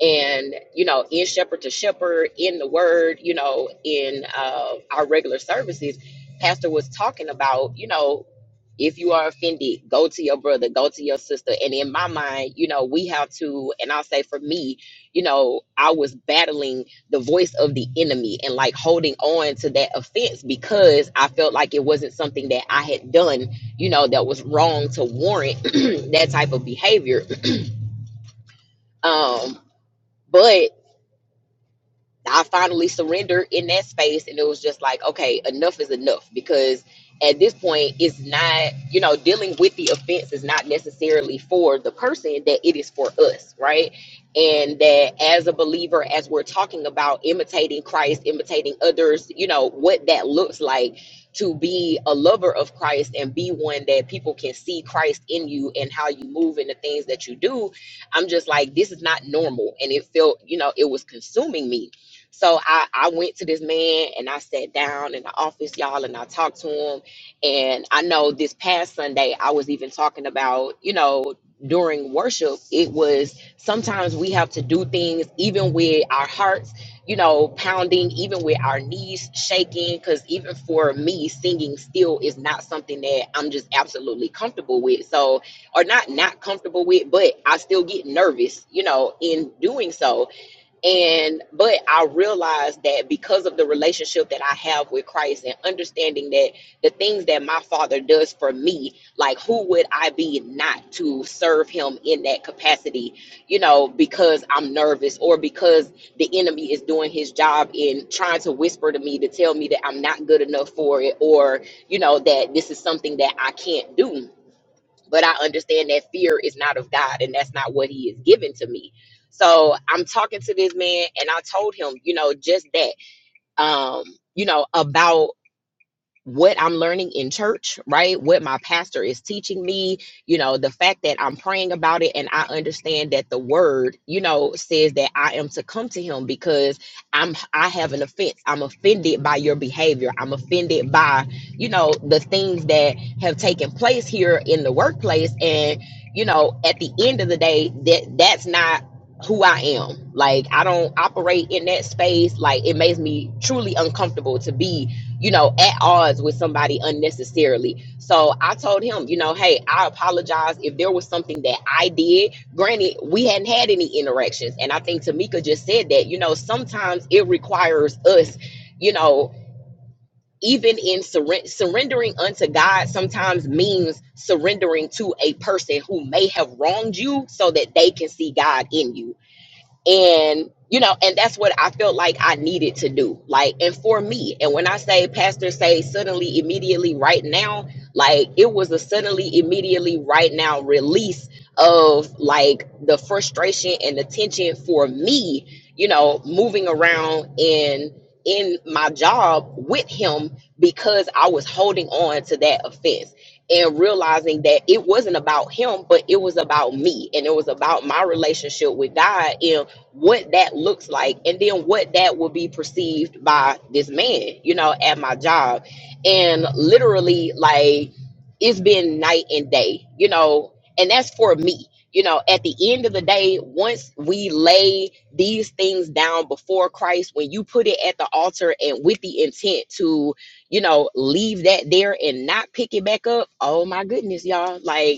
Speaker 5: And, you know, in Shepherd to Shepherd, in the Word, you know, in uh, our regular services, Pastor was talking about, you know, if you are offended, go to your brother, go to your sister. And in my mind, you know, we have to, and I'll say for me, you know, I was battling the voice of the enemy and like holding on to that offense because I felt like it wasn't something that I had done you know, that was wrong to warrant [CLEARS THROAT] that type of behavior. Um, but I finally surrendered in that space, and it was just like, okay, enough is enough because at this point, it's not, you know, dealing with the offense is not necessarily for the person that it is for us, right? And that as a believer, as we're talking about imitating Christ, imitating others, you know, what that looks like to be a lover of Christ and be one that people can see Christ in you and how you move and the things that you do. I'm just like, this is not normal. And it felt, you know, it was consuming me so I, I went to this man and I sat down in the office, y'all, and I talked to him. And I know this past Sunday, I was even talking about, you know, during worship, it was sometimes we have to do things even with our hearts, you know, pounding, even with our knees shaking. Because even for me, singing still is not something that I'm just absolutely comfortable with. So, or not not comfortable with, but I still get nervous, you know, in doing so. And but I realized that because of the relationship that I have with Christ and understanding that the things that my father does for me, like who would I be not to serve him in that capacity, you know, because I'm nervous or because the enemy is doing his job in trying to whisper to me to tell me that I'm not good enough for it or, you know, that this is something that I can't do but I understand that fear is not of God and that's not what he is given to me. So I'm talking to this man and I told him, you know, just that um, you know, about what I'm learning in church, right? What my pastor is teaching me, you know, the fact that I'm praying about it and I understand that the word, you know, says that I am to come to him because I'm I have an offense. I'm offended by your behavior. I'm offended by, you know, the things that have taken place here in the workplace and, you know, at the end of the day that that's not who I am. Like I don't operate in that space. Like it makes me truly uncomfortable to be you know, at odds with somebody unnecessarily. So I told him, you know, hey, I apologize if there was something that I did. Granted, we hadn't had any interactions. And I think Tamika just said that, you know, sometimes it requires us, you know, even in surre- surrendering unto God, sometimes means surrendering to a person who may have wronged you so that they can see God in you and you know and that's what i felt like i needed to do like and for me and when i say pastor say suddenly immediately right now like it was a suddenly immediately right now release of like the frustration and the tension for me you know moving around and in my job with him because i was holding on to that offense and realizing that it wasn't about him but it was about me and it was about my relationship with god and what that looks like and then what that will be perceived by this man, you know, at my job. And literally, like, it's been night and day, you know, and that's for me. You know, at the end of the day, once we lay these things down before Christ, when you put it at the altar and with the intent to, you know, leave that there and not pick it back up, oh my goodness, y'all. Like,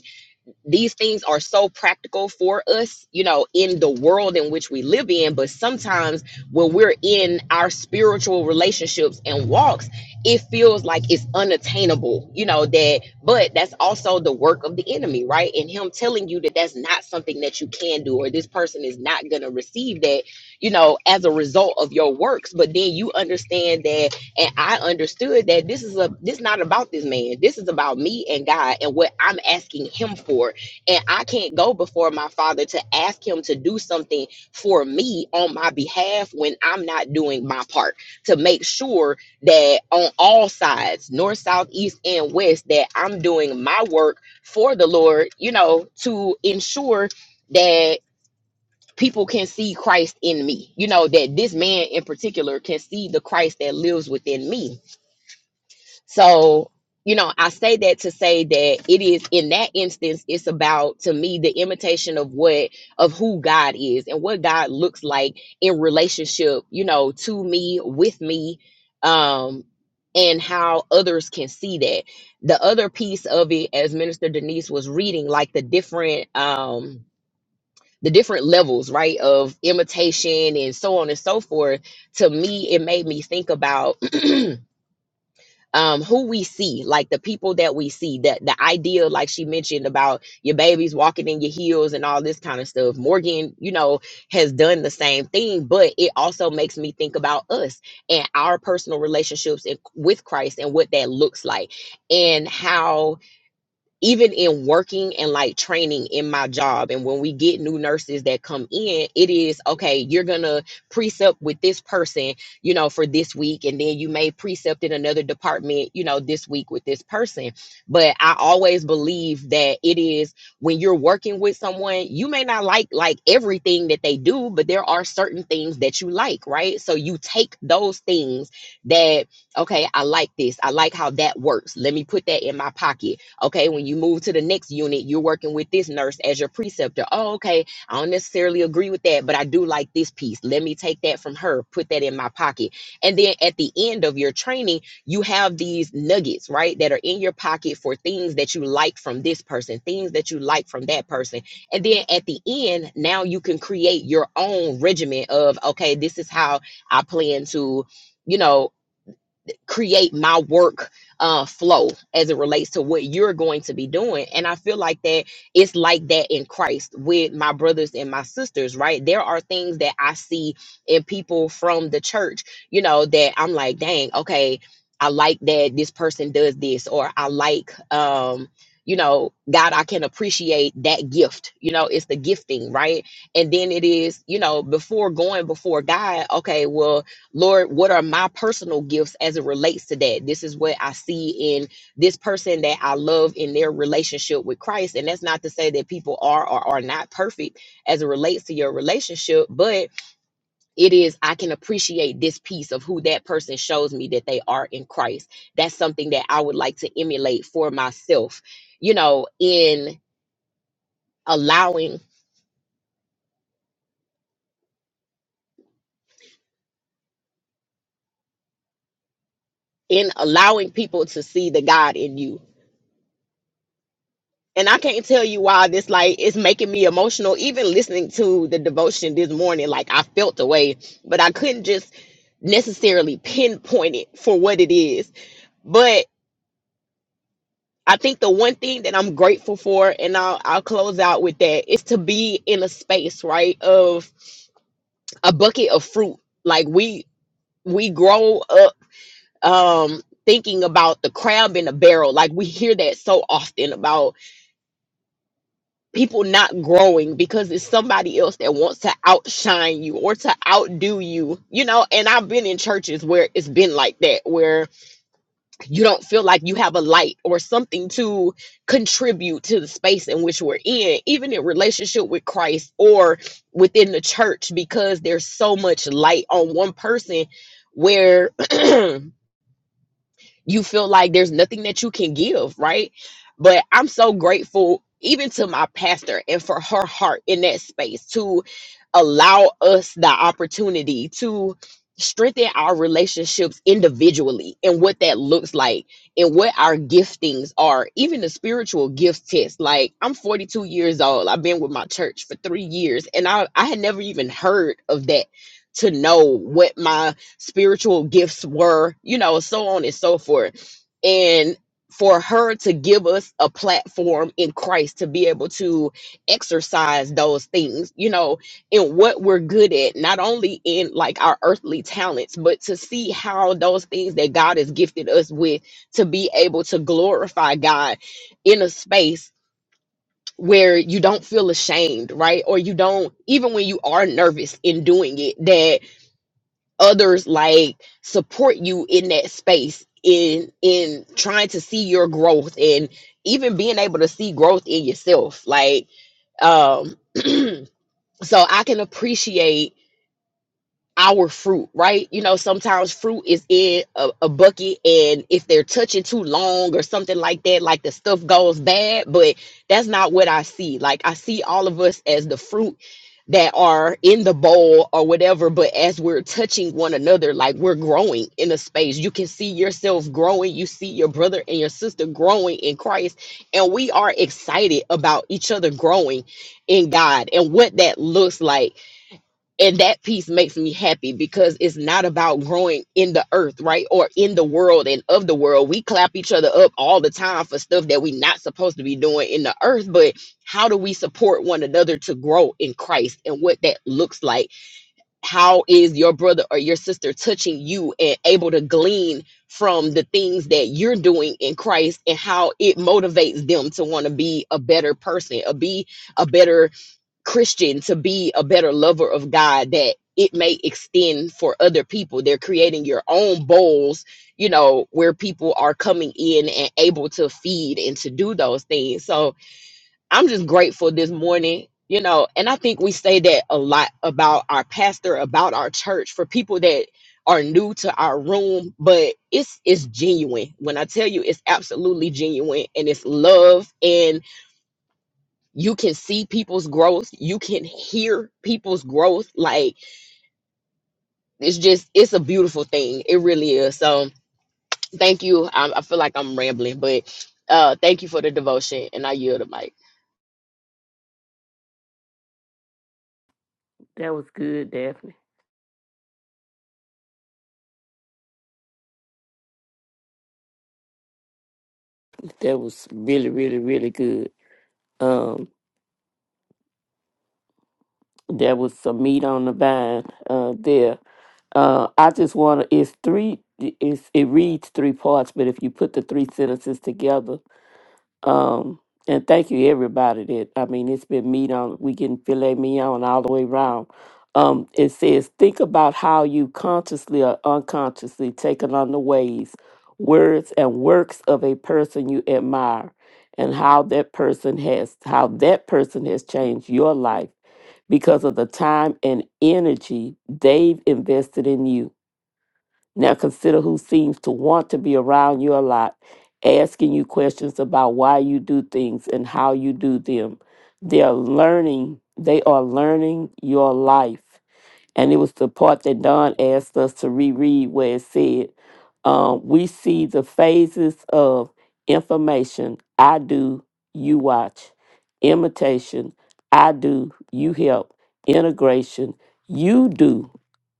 Speaker 5: these things are so practical for us, you know, in the world in which we live in. But sometimes when we're in our spiritual relationships and walks, it feels like it's unattainable, you know, that, but that's also the work of the enemy, right? And him telling you that that's not something that you can do, or this person is not going to receive that, you know, as a result of your works. But then you understand that, and I understood that this is a, this not about this man. This is about me and God and what I'm asking him for and I can't go before my father to ask him to do something for me on my behalf when I'm not doing my part to make sure that on all sides, north, south, east, and west, that I'm doing my work for the Lord, you know, to ensure that people can see Christ in me, you know, that this man in particular can see the Christ that lives within me so, you know, I say that to say that it is in that instance, it's about to me the imitation of what of who God is and what God looks like in relationship, you know, to me, with me, um, and how others can see that. The other piece of it, as Minister Denise was reading, like the different um the different levels, right, of imitation and so on and so forth, to me, it made me think about [CLEARS THROAT] um who we see like the people that we see that the idea like she mentioned about your babies walking in your heels and all this kind of stuff morgan you know has done the same thing but it also makes me think about us and our personal relationships in- with christ and what that looks like and how even in working and like training in my job and when we get new nurses that come in it is okay you're gonna precept with this person you know for this week and then you may precept in another department you know this week with this person but i always believe that it is when you're working with someone you may not like like everything that they do but there are certain things that you like right so you take those things that okay i like this i like how that works let me put that in my pocket Okay, when you move to the next unit, you're working with this nurse as your preceptor. Oh, okay, I don't necessarily agree with that, but I do like this piece. Let me take that from her, put that in my pocket. And then at the end of your training, you have these nuggets, right, that are in your pocket for things that you like from this person, things that you like from that person. And then at the end, now you can create your own regimen of, okay, this is how I plan to. You know, create my work uh, flow as it relates to what you're going to be doing. And I feel like that it's like that in Christ with my brothers and my sisters, right? There are things that I see in people from the church, you know, that I'm like, dang, okay, I like that this person does this, or I like, um, you know, God, I can appreciate that gift. You know, it's the gifting, right? And then it is, you know, before going before God, okay, well, Lord, what are my personal gifts as it relates to that? This is what I see in this person that I love in their relationship with Christ. And that's not to say that people are or are not perfect as it relates to your relationship, but it is, I can appreciate this piece of who that person shows me that they are in Christ. That's something that I would like to emulate for myself, you know, in allowing. In allowing people to see the God in you, and I can't tell you why this like is making me emotional. Even listening to the devotion this morning, like I felt the way, but I couldn't just necessarily pinpoint it for what it is. But I think the one thing that I'm grateful for, and I'll I'll close out with that, is to be in a space right of a bucket of fruit. Like we we grow up um thinking about the crab in a barrel. Like we hear that so often about people not growing because it's somebody else that wants to outshine you or to outdo you you know and i've been in churches where it's been like that where you don't feel like you have a light or something to contribute to the space in which we're in even in relationship with christ or within the church because there's so much light on one person where [CLEARS THROAT] you feel like there's nothing that you can give, right? But I'm so grateful even to my pastor and for her heart in that space to allow us the opportunity to strengthen our relationships individually and what that looks like and what our giftings are, even the spiritual gift test. Like I'm 42 years old. I've been with my church for three years and I, I had never even heard of that to know what my spiritual gifts were, you know, so on and so forth. And for her to give us a platform in Christ to be able to exercise those things, you know, in what we're good at, not only in like our earthly talents, but to see how those things that God has gifted us with to be able to glorify God in a space where you don't feel ashamed, right? Or you don't, even when you are nervous in doing it, that others like support you in that space in in trying to see your growth and even being able to see growth in yourself like um [CLEARS THROAT] so i can appreciate our fruit, right? You know, sometimes fruit is in a, a bucket, and if they're touching too long or something like that, like the stuff goes bad. But that's not what I see. Like, I see all of us as the fruit that are in the bowl or whatever, but as we're touching one another, like we're growing in a space. You can see yourself growing, you see your brother and your sister growing in Christ, and we are excited about each other growing in God and what that looks like and that piece makes me happy because it's not about growing in the earth right or in the world and of the world we clap each other up all the time for stuff that we're not supposed to be doing in the earth but how do we support one another to grow in christ and what that looks like how is your brother or your sister touching you and able to glean from the things that you're doing in christ and how it motivates them to want to be a better person a be a better Christian to be a better lover of God that it may extend for other people. They're creating your own bowls, you know, where people are coming in and able to feed and to do those things. So I'm just grateful this morning, you know, and I think we say that a lot about our pastor, about our church for people that are new to our room, but it's it's genuine. When I tell you it's absolutely genuine and it's love and you can see people's growth you can hear people's growth like it's just it's a beautiful thing it really is so thank you i, I feel like i'm rambling but uh thank you for the devotion and i yield the mic
Speaker 1: That was good, Daphne. That was really, really, really good. Um, there was some meat on the vine uh, there. Uh, I just want to. It's three. It's, it reads three parts, but if you put the three sentences together, Um, and thank you everybody that I mean it's been meat on we getting filet mignon all the way around. Um, it says think about how you consciously or unconsciously taken on the ways, words and works of a person you admire and how that person has how that person has changed your life because of the time and energy they've invested in you. Now consider who seems to want to be around you a lot, asking you questions about why you do things and how you do them. They are learning, they are learning your life and it was the part that Don asked us to reread where it said, um, "We see the phases of information. I do, you watch. Imitation. I do, you help. Integration. You do,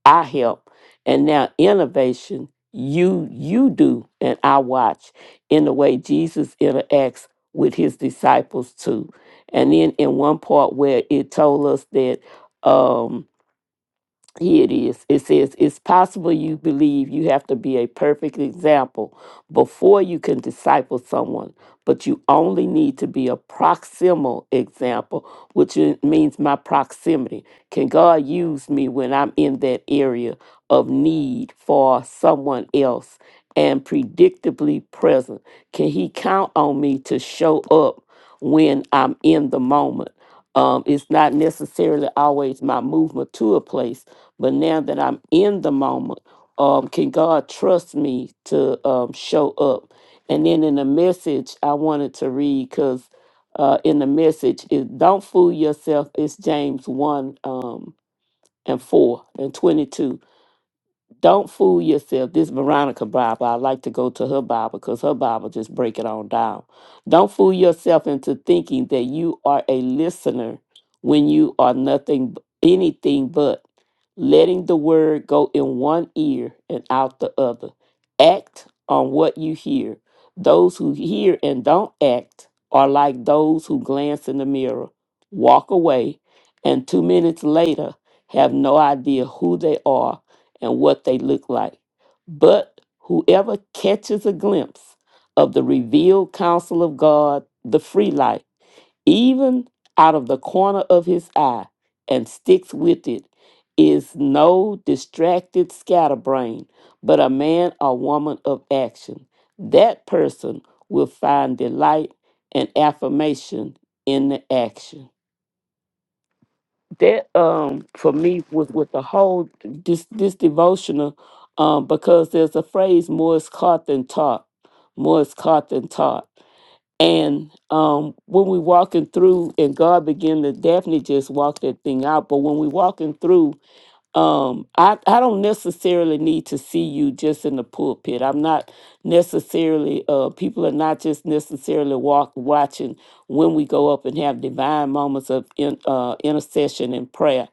Speaker 1: I help. And now innovation. You you do, and I watch." In the way Jesus interacts with his disciples too, and then in one part where it told us that. Um, here it is. It says, It's possible you believe you have to be a perfect example before you can disciple someone, but you only need to be a proximal example, which i- means my proximity. Can God use me when I'm in that area of need for someone else and predictably present? Can He count on me to show up when I'm in the moment? Um, it's not necessarily always my movement to a place but now that I'm in the moment, um, can God trust me to um, show up? And then in the message, I wanted to read because uh, in the message, is don't fool yourself. It's James 1 um, and 4 and 22. Don't fool yourself. This Veronica Bible, I like to go to her Bible because her Bible just break it on down. Don't fool yourself into thinking that you are a listener when you are nothing, b- anything but letting the word go in one ear and out the other. Act on what you hear. Those who hear and don't act are like those who glance in the mirror, walk away, and two minutes later have no idea who they are and what they look like. But whoever catches a glimpse of the revealed counsel of God, the free light, even out of the corner of his eye, and sticks with it, is no distracted scatterbrain, but a man or woman of action. That person will find delight and affirmation in the action that um for me was with the whole this this devotional um because there's a phrase more is caught than taught more is caught than taught and um when we walking through and god began to definitely just walk that thing out but when we walking through um i i don't necessarily need to see you just in the pulpit i'm not necessarily uh people are not just necessarily walk watching when we go up and have divine moments of in, uh intercession and prayer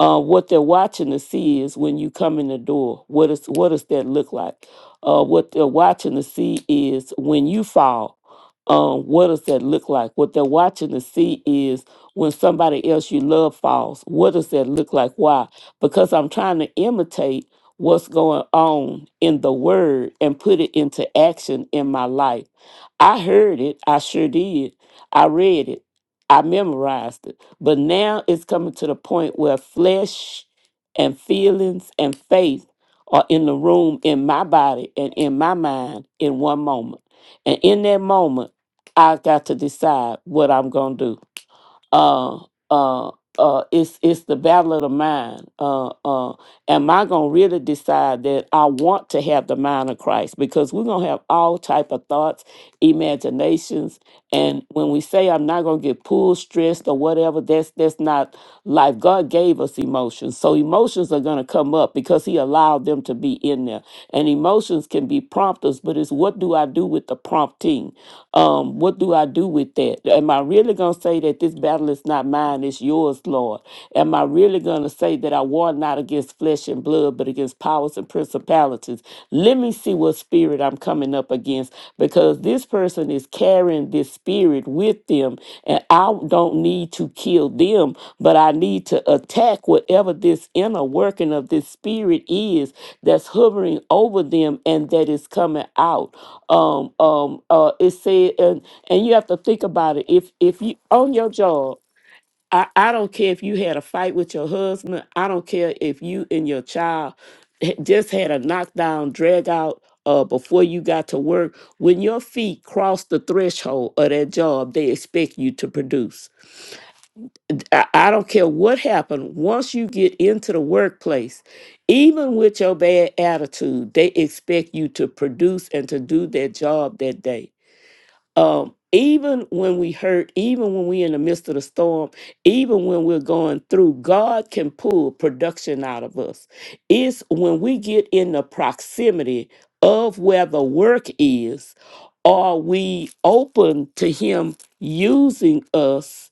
Speaker 1: uh what they're watching to see is when you come in the door what is what does that look like uh what they're watching to see is when you fall um, what does that look like? What they're watching to see is when somebody else you love falls. What does that look like? Why? because I'm trying to imitate what's going on in the word and put it into action in my life. I heard it, I sure did. I read it, I memorized it. But now it's coming to the point where flesh and feelings and faith are in the room in my body and in my mind in one moment. And in that moment, I got to decide what I'm going to do uh, uh, uh, it's it's the battle of the mind. Uh, uh, am I gonna really decide that I want to have the mind of Christ? Because we're gonna have all type of thoughts, imaginations, and when we say I'm not gonna get pulled, stressed, or whatever, that's that's not life. God gave us emotions, so emotions are gonna come up because He allowed them to be in there. And emotions can be prompters, but it's what do I do with the prompting? Um, what do I do with that? Am I really going to say that this battle is not mine, it's yours, Lord? Am I really going to say that I war not against flesh and blood, but against powers and principalities? Let me see what spirit I'm coming up against because this person is carrying this spirit with with them. And I don't need to kill them, but I need to attack whatever this inner working of this spirit is that's hovering over them and that is coming out. Um, um, uh, it said, and, and you have to think about it. If if you on your job I, I don't care if you had a fight with your husband. I don't care if you and your child h- just had a knockdown, drag out uh, before you got to work. When your feet cross the threshold of that job, they expect you to produce. I, I don't care what happened. Once you get into the workplace, even with your bad attitude, they expect you to produce and to do their job that day um, even when we hurt, even when we're in the midst of the storm, even when we're going through, God can pull production out of us. It's when we get in the proximity of where the work is, are we open to Him using us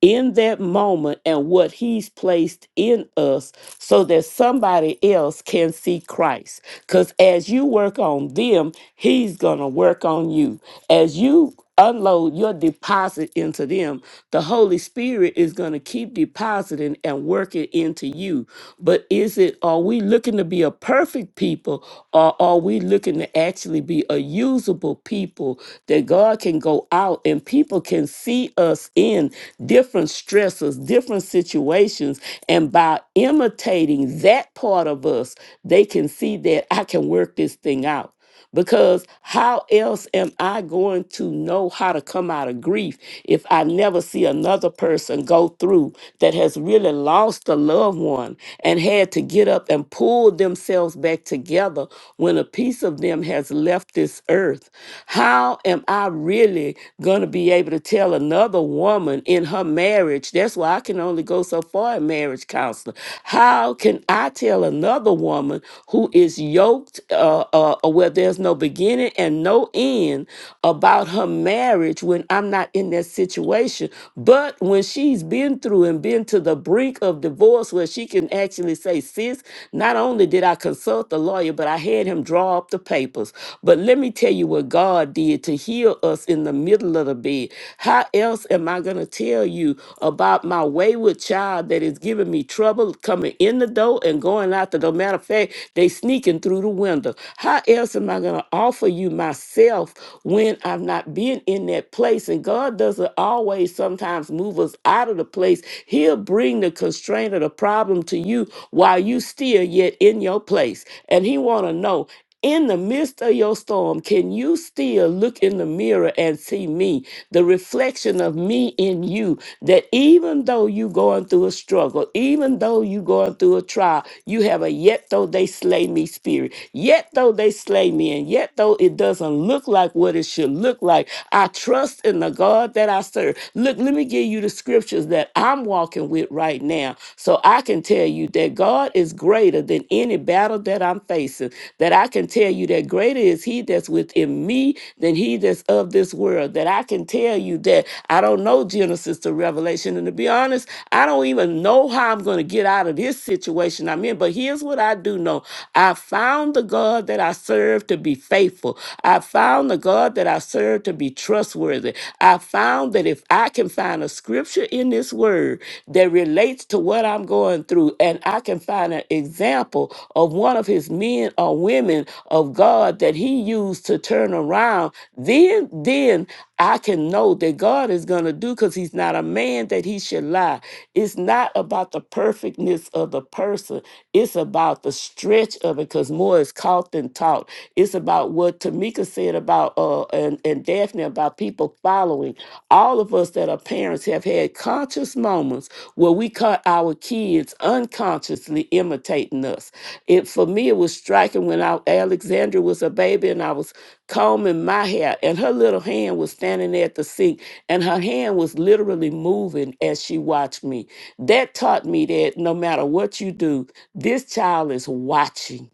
Speaker 1: in that moment and what He's placed in us? so that somebody else can see Christ. Because as you work on them, He's going to work on you. As you unload your deposit into them, the Holy Spirit is going to keep depositing and working into you. But is it, are we looking to be a perfect people or are we looking to actually be a usable people that God can go out and people can see us in different stresses, different different situations. And by imitating that part of us, they can see that I can work this thing out. Because how else am I going to know how to come out of grief if I never see another person go through that has really lost a loved one and had to get up and pull themselves back together when a piece of them has left this earth? How am I really going to be able to tell another? another woman in her marriage. That's why I can only go so far in marriage counseling. How can I tell another woman who is yoked, uh, uh, uh, where there's no beginning and no end, about her marriage when I'm not in that situation? But when she's been through and been to the brink of divorce, where she can actually say, sis, not only did I consult the lawyer, but I had him draw up the papers. But let me tell you what God did to heal us in the middle of the bed. How else am I going to tell you about my wayward child that is giving me trouble coming in the door and going out the door? Matter of fact, they sneaking through the window. How else am I going to offer you myself when I've not been in that place? And God doesn't always sometimes move us out of the place. He'll bring the constraint or the problem to you while you still yet in your place. And he want to know in the midst of your storm, can you still look in the mirror and see me, the reflection of me in you? That even though you are going through a struggle, even though you are going through a trial, you have a yet though they slay me spirit. Yet though they slay me, and yet though it doesn't look like what it should look like, I trust in the God that I serve. Look, let me give you the scriptures that I'm walking with right now, so I can tell you that God is greater than any any battle that I'm facing, that I can tell you that greater is He that's within me than He that's of this world. That I can tell you that I don't know Genesis to Revelation. And to be honest, I don't even know how I'm going to get out of this situation I'm in. But here's what I do know I found the God that I serve to be faithful. I found the God that I serve to be trustworthy. I found that if I can find a scripture in this word that relates to what I'm going through, through, and I can find an example of one of his men or women of God that he used to turn around, then then I can know that God is going to do because he's not a man that he should lie. It's not about the perfectness of the person. It's about the stretch of it because more is caught than taught. It's about what Tamika said about uh and, and Daphne about people following. All of us that are parents have had conscious moments where we caught our kids unconsciously imitating us. It for me, it was striking when I, Alexandra was a baby and I was combing my hair, and her little hand was standing there at the sink, and her hand was literally moving as she watched me. That taught me that no matter what you do, this child is watching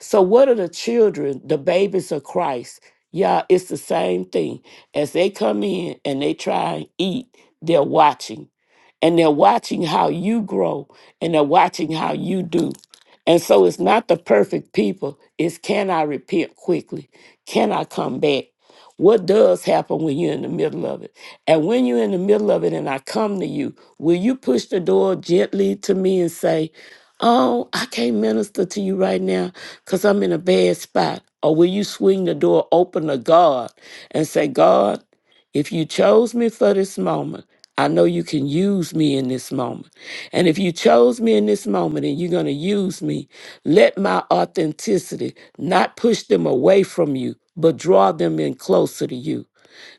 Speaker 1: so, what are the children, the babies of Christ? Yeah, it's the same thing. As they come in and they try and eat, they're watching. And they're watching how you grow and they're watching how you do. And so it's not the perfect people, it's can I repent quickly? Can I come back? What does happen when you're in the middle of it? And when you're in the middle of it and I come to you, will you push the door gently to me and say, Oh, I can't minister to you right now? because I'm in a bad spot? Or will you swing the door open to God and say, God, if you chose me for this moment, I know you can use me in this moment. And if you chose me in this moment and you're going to use me, let my authenticity not push them away from you, but draw them in closer to you.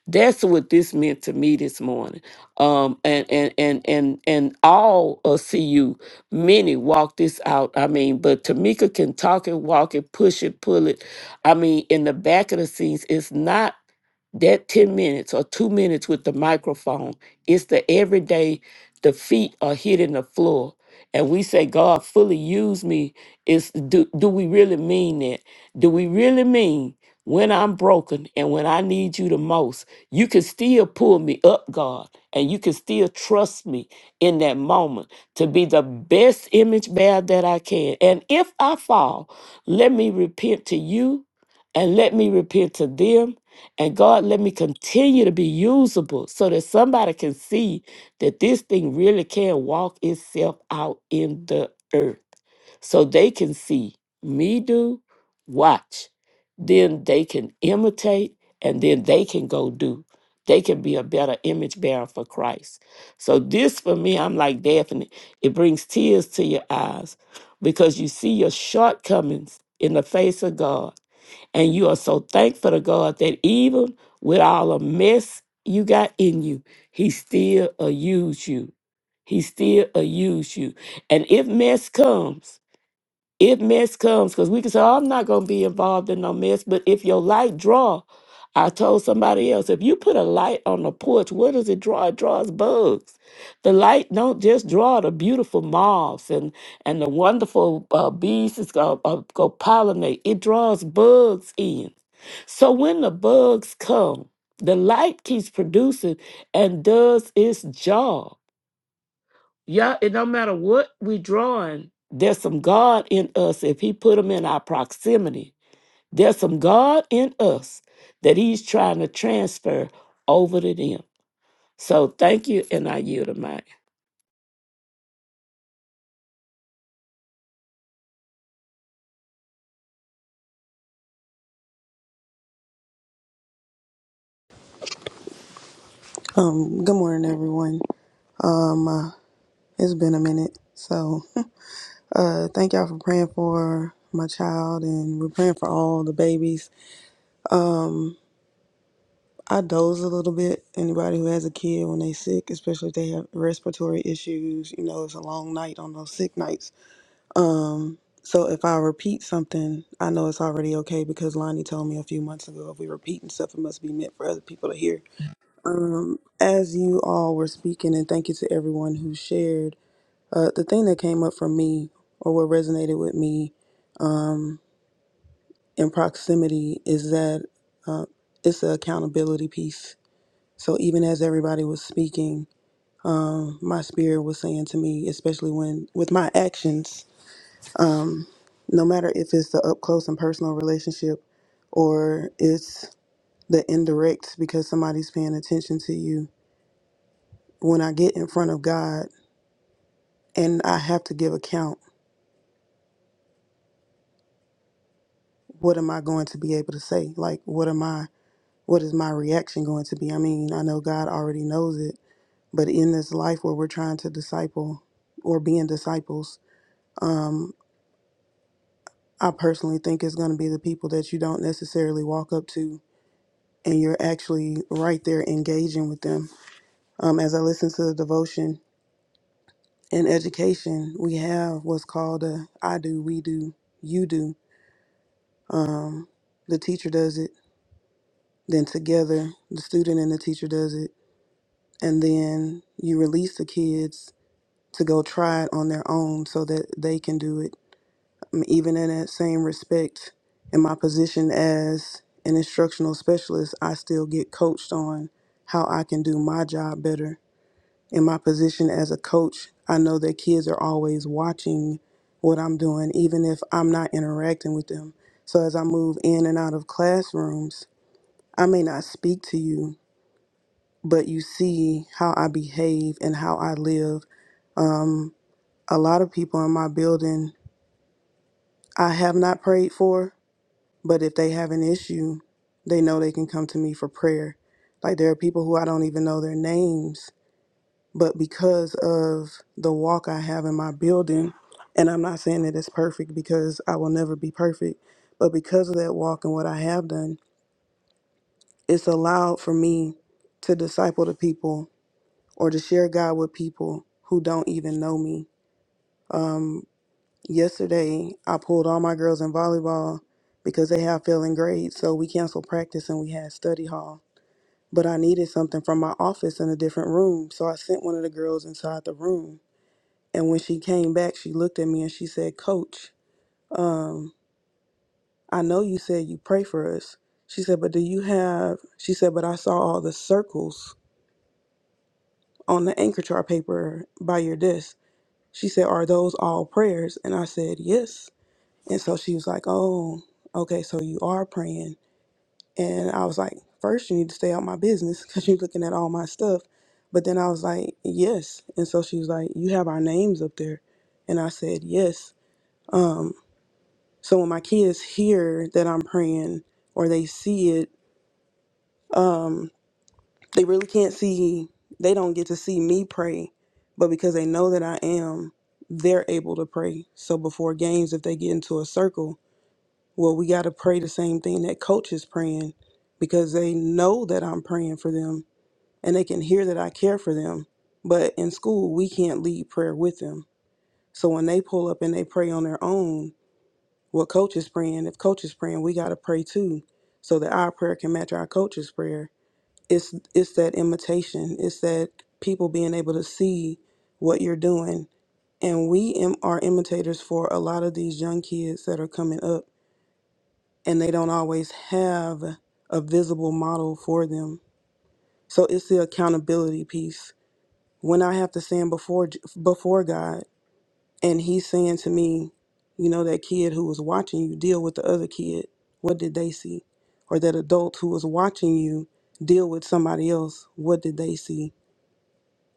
Speaker 1: That's what this meant to me this morning. Um, and and and and and all of CU many walk this out. I mean, but Tamika can talk it, walk it, push it, pull it. I mean, in the back of the scenes, it's not that 10 minutes or two minutes with the microphone. It's the everyday, the feet are hitting the floor. And we say, God, fully use me. Is do, do we really mean that? Do we really mean when I'm broken and when I need you the most? You can still pull me up, God, and you can still trust me in that moment to be the best image bearer that I can. And if I fall, let me repent to you and let me repent to them. And God, let me continue to be usable so that somebody can see that this thing really can walk itself out in the earth so they can see me do, watch, then they can imitate, and then they can go do. They can be a better image bearer for Christ. So, this for me, I'm like Daphne, it brings tears to your eyes because you see your shortcomings in the face of God. And you are so thankful to God that even with all the mess you got in you, He still will use you. He still will use you. And if mess comes, if mess comes, because we can say, oh, I'm not going to be involved in no mess, but if your light draw, I told somebody else, if you put a light on the porch, what does it draw? It draws bugs. The light don't just draw the beautiful moths and, and the wonderful uh, bees that's going to go pollinate. It draws bugs in. So when the bugs come, the light keeps producing and does its job. Yeah, it don't matter what we drawing, there's some God in us. If he put him in our proximity, there's some God in us that he's trying to transfer over to them. So thank you, and I yield to Mike.
Speaker 6: Um, good morning, everyone. Um, uh, it's been a minute, so [LAUGHS] uh, thank y'all for praying for my child, and we're praying for all the babies. I doze a little bit. Anybody who has a kid when they sick, especially if they have respiratory issues, you know, it's a long night on those sick nights. So if I repeat something, I know it's already okay because Lonnie told me a few months ago if we repeating stuff, it must be meant for other people to hear. Um, as you all were speaking, and thank you to everyone who shared. Uh, the thing that came up for me, or what resonated with me um, in proximity, is that uh, it's the accountability piece. So even as everybody was speaking, um, my spirit was saying to me, especially when with my actions, um, no matter if it's the up close and personal relationship, or it's the indirect because somebody's paying attention to you. When I get in front of God and I have to give account, what am I going to be able to say? Like, what am I? what is my reaction going to be? I mean, I know God already knows it, but in this life where we're trying to disciple or being disciples, um, I personally think it's going to be the people that you don't necessarily walk up to and you're actually right there engaging with them. Um, as I listen to the devotion in education, we have what's called a I do, we do, you do. Um, the teacher does it, then together the student and the teacher does it, and then you release the kids to go try it on their own so that they can do it. Um, Even in that same respect, in my position as an instructional specialist, I still get coached on how I can do my job better. In my position as a coach, I know that kids are always watching what I'm doing, even if I'm not interacting with them. So as I move in and out of classrooms, I may not speak to you, but you see how I behave and how I live. Um, a lot of people in my building I have not prayed for, but if they have an issue, they know they can come to me for prayer. Like there are people who I don't even know their names, but because of the walk I have in my building, and I'm not saying that it's perfect because I will never be perfect, but because of that walk and what I have done, it's allowed for me to disciple the people or to share God with people who don't even know me Um, Yesterday, I pulled all my girls in volleyball because they have failing grades, so we canceled practice and we had study hall. But I needed something from my office in a different room, so I sent one of the girls inside the room. And when she came back, she looked at me and she said, Coach, um, I know you said you pray for us. She said, but do you have, she said, but I saw all the circles on the anchor chart paper by your desk. She said, are those all prayers? And I said, yes. And so she was like, Oh, okay, so you are praying. And I was like, First, you need to stay out my business [LAUGHS] because you're looking at all my stuff. But then I was like, Yes. And so she was like, You have our names up there. And I said, Yes. Um, so when my kids hear that I'm praying or they see it, um, they really can't see, they don't get to see me pray. But because they know that I am, they're able to pray. So before games, if they get into a circle, Well, we got to pray the same thing that coach is praying because they know that I'm praying for them and they can hear that I care for them. But in school, we can't lead prayer with them. So when they pull up and they pray on their own, what coach is praying, if coach is praying, we got to pray too so that our prayer can match our coach's prayer. It's it's that imitation. It's that people being able to see what you're doing. And we im- are imitators for a lot of these young kids that are coming up and they don't always have a visible model for them. So it's the accountability piece. When I have to stand before before God and he's saying to me, you know that kid who was watching you deal with the other kid, what did they see? Or that adult who was watching you deal with somebody else, what did they see?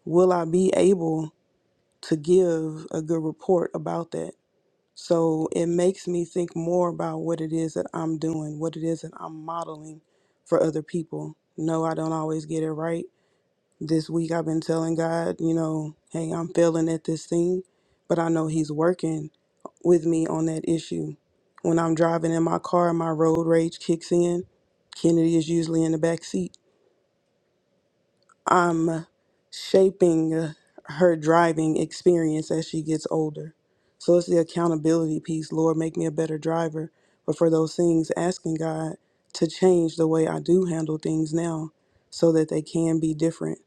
Speaker 6: Will I be able to give a good report about that? So it makes me think more about what it is that I'm doing, what it is that I'm modeling for other people. No, I don't always get it right. This week I've been telling God, you know, hey, I'm failing at this thing, but I know He's working with me on that issue. When I'm driving in my car, my road rage kicks in. Kennedy is usually in the back seat I'm shaping her driving experience as she gets older. So it's the accountability piece. Lord, make me a better driver. But for those things, asking God to change the way I do handle things now so that they can be different.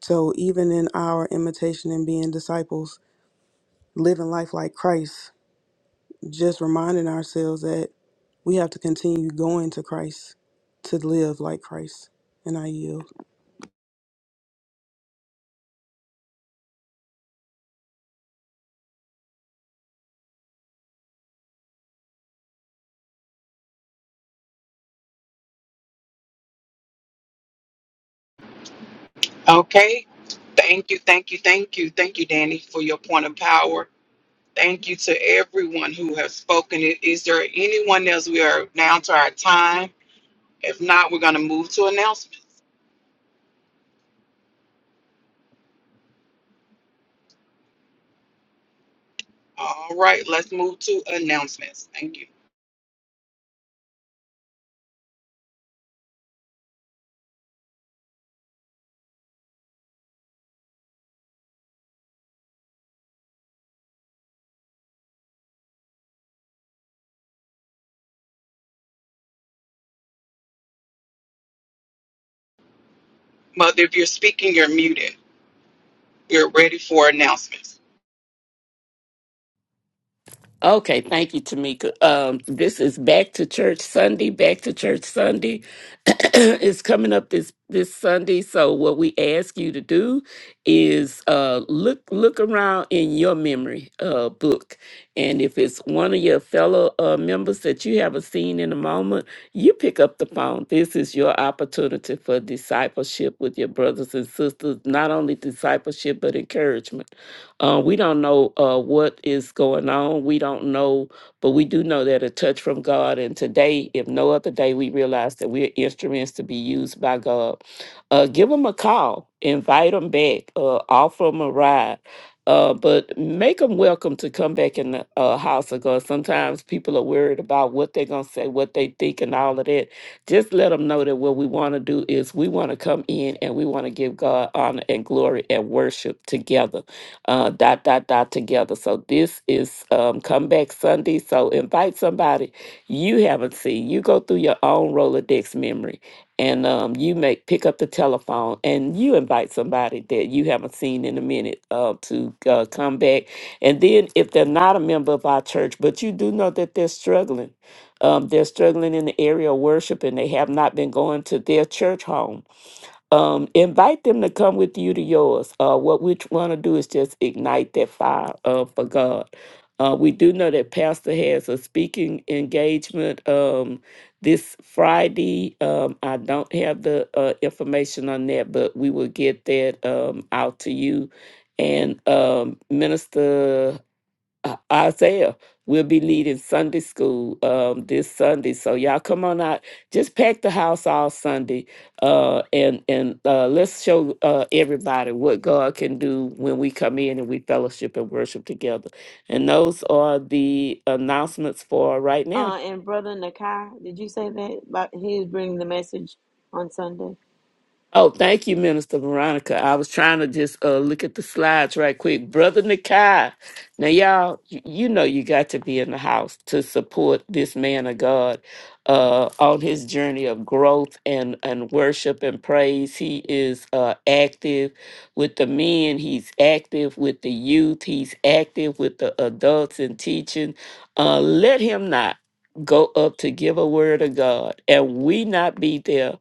Speaker 6: So even in our imitation and being disciples, living life like Christ, just reminding ourselves that we have to continue going to Christ to live like Christ. And I yield.
Speaker 2: Okay. Thank you, thank you, thank you, thank you, Danny, for your point of power. Thank you to everyone who has spoken. I- Is there anyone else? We are now to our time. If not, we're going to move to announcements. All right, let's move to announcements. Thank you. Mother, if you're speaking, you're muted. We're ready for announcements.
Speaker 1: Okay, thank you, Tamika. Um, this is Back to Church Sunday. Back to Church Sunday [CLEARS THROAT] is coming up this this Sunday. So what we ask you to do is uh, look look around in your memory uh, book, and if it's one of your fellow uh, members that you haven't seen in a moment, you pick up the phone. This is your opportunity for discipleship with your brothers and sisters. Not only discipleship, but encouragement. Uh, we don't know uh, what is going on. We don't know, but we do know that a touch from God. And today, if no other day, we realize that we're instruments to be used by God. Uh, give them a call, invite them back, uh, offer them a ride. Uh, but make them welcome to come back in the uh, house of God. Sometimes people are worried about what they're going to say, what they think, and all of that. Just let them know that what we want to do is we want to come in and we want to give God honor and glory and worship together uh, dot dot dot together. So this is um, comeback Sunday. So invite somebody you haven't seen. You go through your own Rolodex memory, and um, you make pick up the telephone and you invite somebody that you haven't seen in a minute uh, to uh, come back. And then if they're not a member of our church, but you do know that they're struggling. Um, they're struggling in the area of worship and they have not been going to their church home um, invite them to come with you to yours. Uh, what we want to do is just ignite that fire uh, for God. Uh, we do know that Pastor has a speaking engagement um, this Friday. Um, I don't have the uh, information on that, but we will get that um, out to you. And um, Minister uh, Isaiah will be leading Sunday school um, this Sunday. So y'all come on out. Just pack the house all Sunday, uh, and and uh, let's show uh, everybody what God can do when we come in and we fellowship and worship together. And those are the announcements for right now.
Speaker 4: Uh, and brother Nakai, did you say that? About he's bringing the message on Sunday.
Speaker 1: Oh, thank you, Minister Veronica. I was trying to just uh, look at the slides right quick. Brother Nikai, now y'all, y- you know you got to be in the house to support this man of God uh, on his journey of growth and, and worship and praise. He is uh, active with the men, he's active with the youth, he's active with the adults and teaching. Uh, let him not go up to give a word of God and we not be there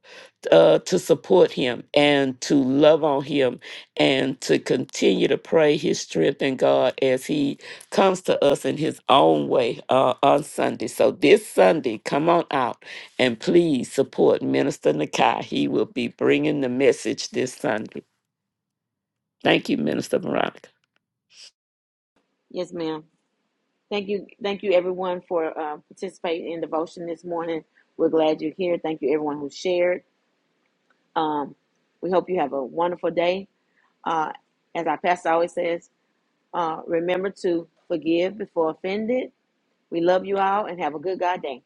Speaker 1: uh, to support him and to love on him and to continue to pray his strength in God as he comes to us in his own way uh, on Sunday. So this Sunday, come on out and please support Minister Nakai. He will be bringing the message this Sunday. Thank you, Minister Veronica.
Speaker 4: Yes, ma'am. Thank you, thank you everyone for uh, participating in devotion this morning. We're glad you're here. Thank you everyone who shared. Um, we hope you have a wonderful day. Uh, as our pastor always says, uh, remember to forgive before offended. We love you all and have a good God day.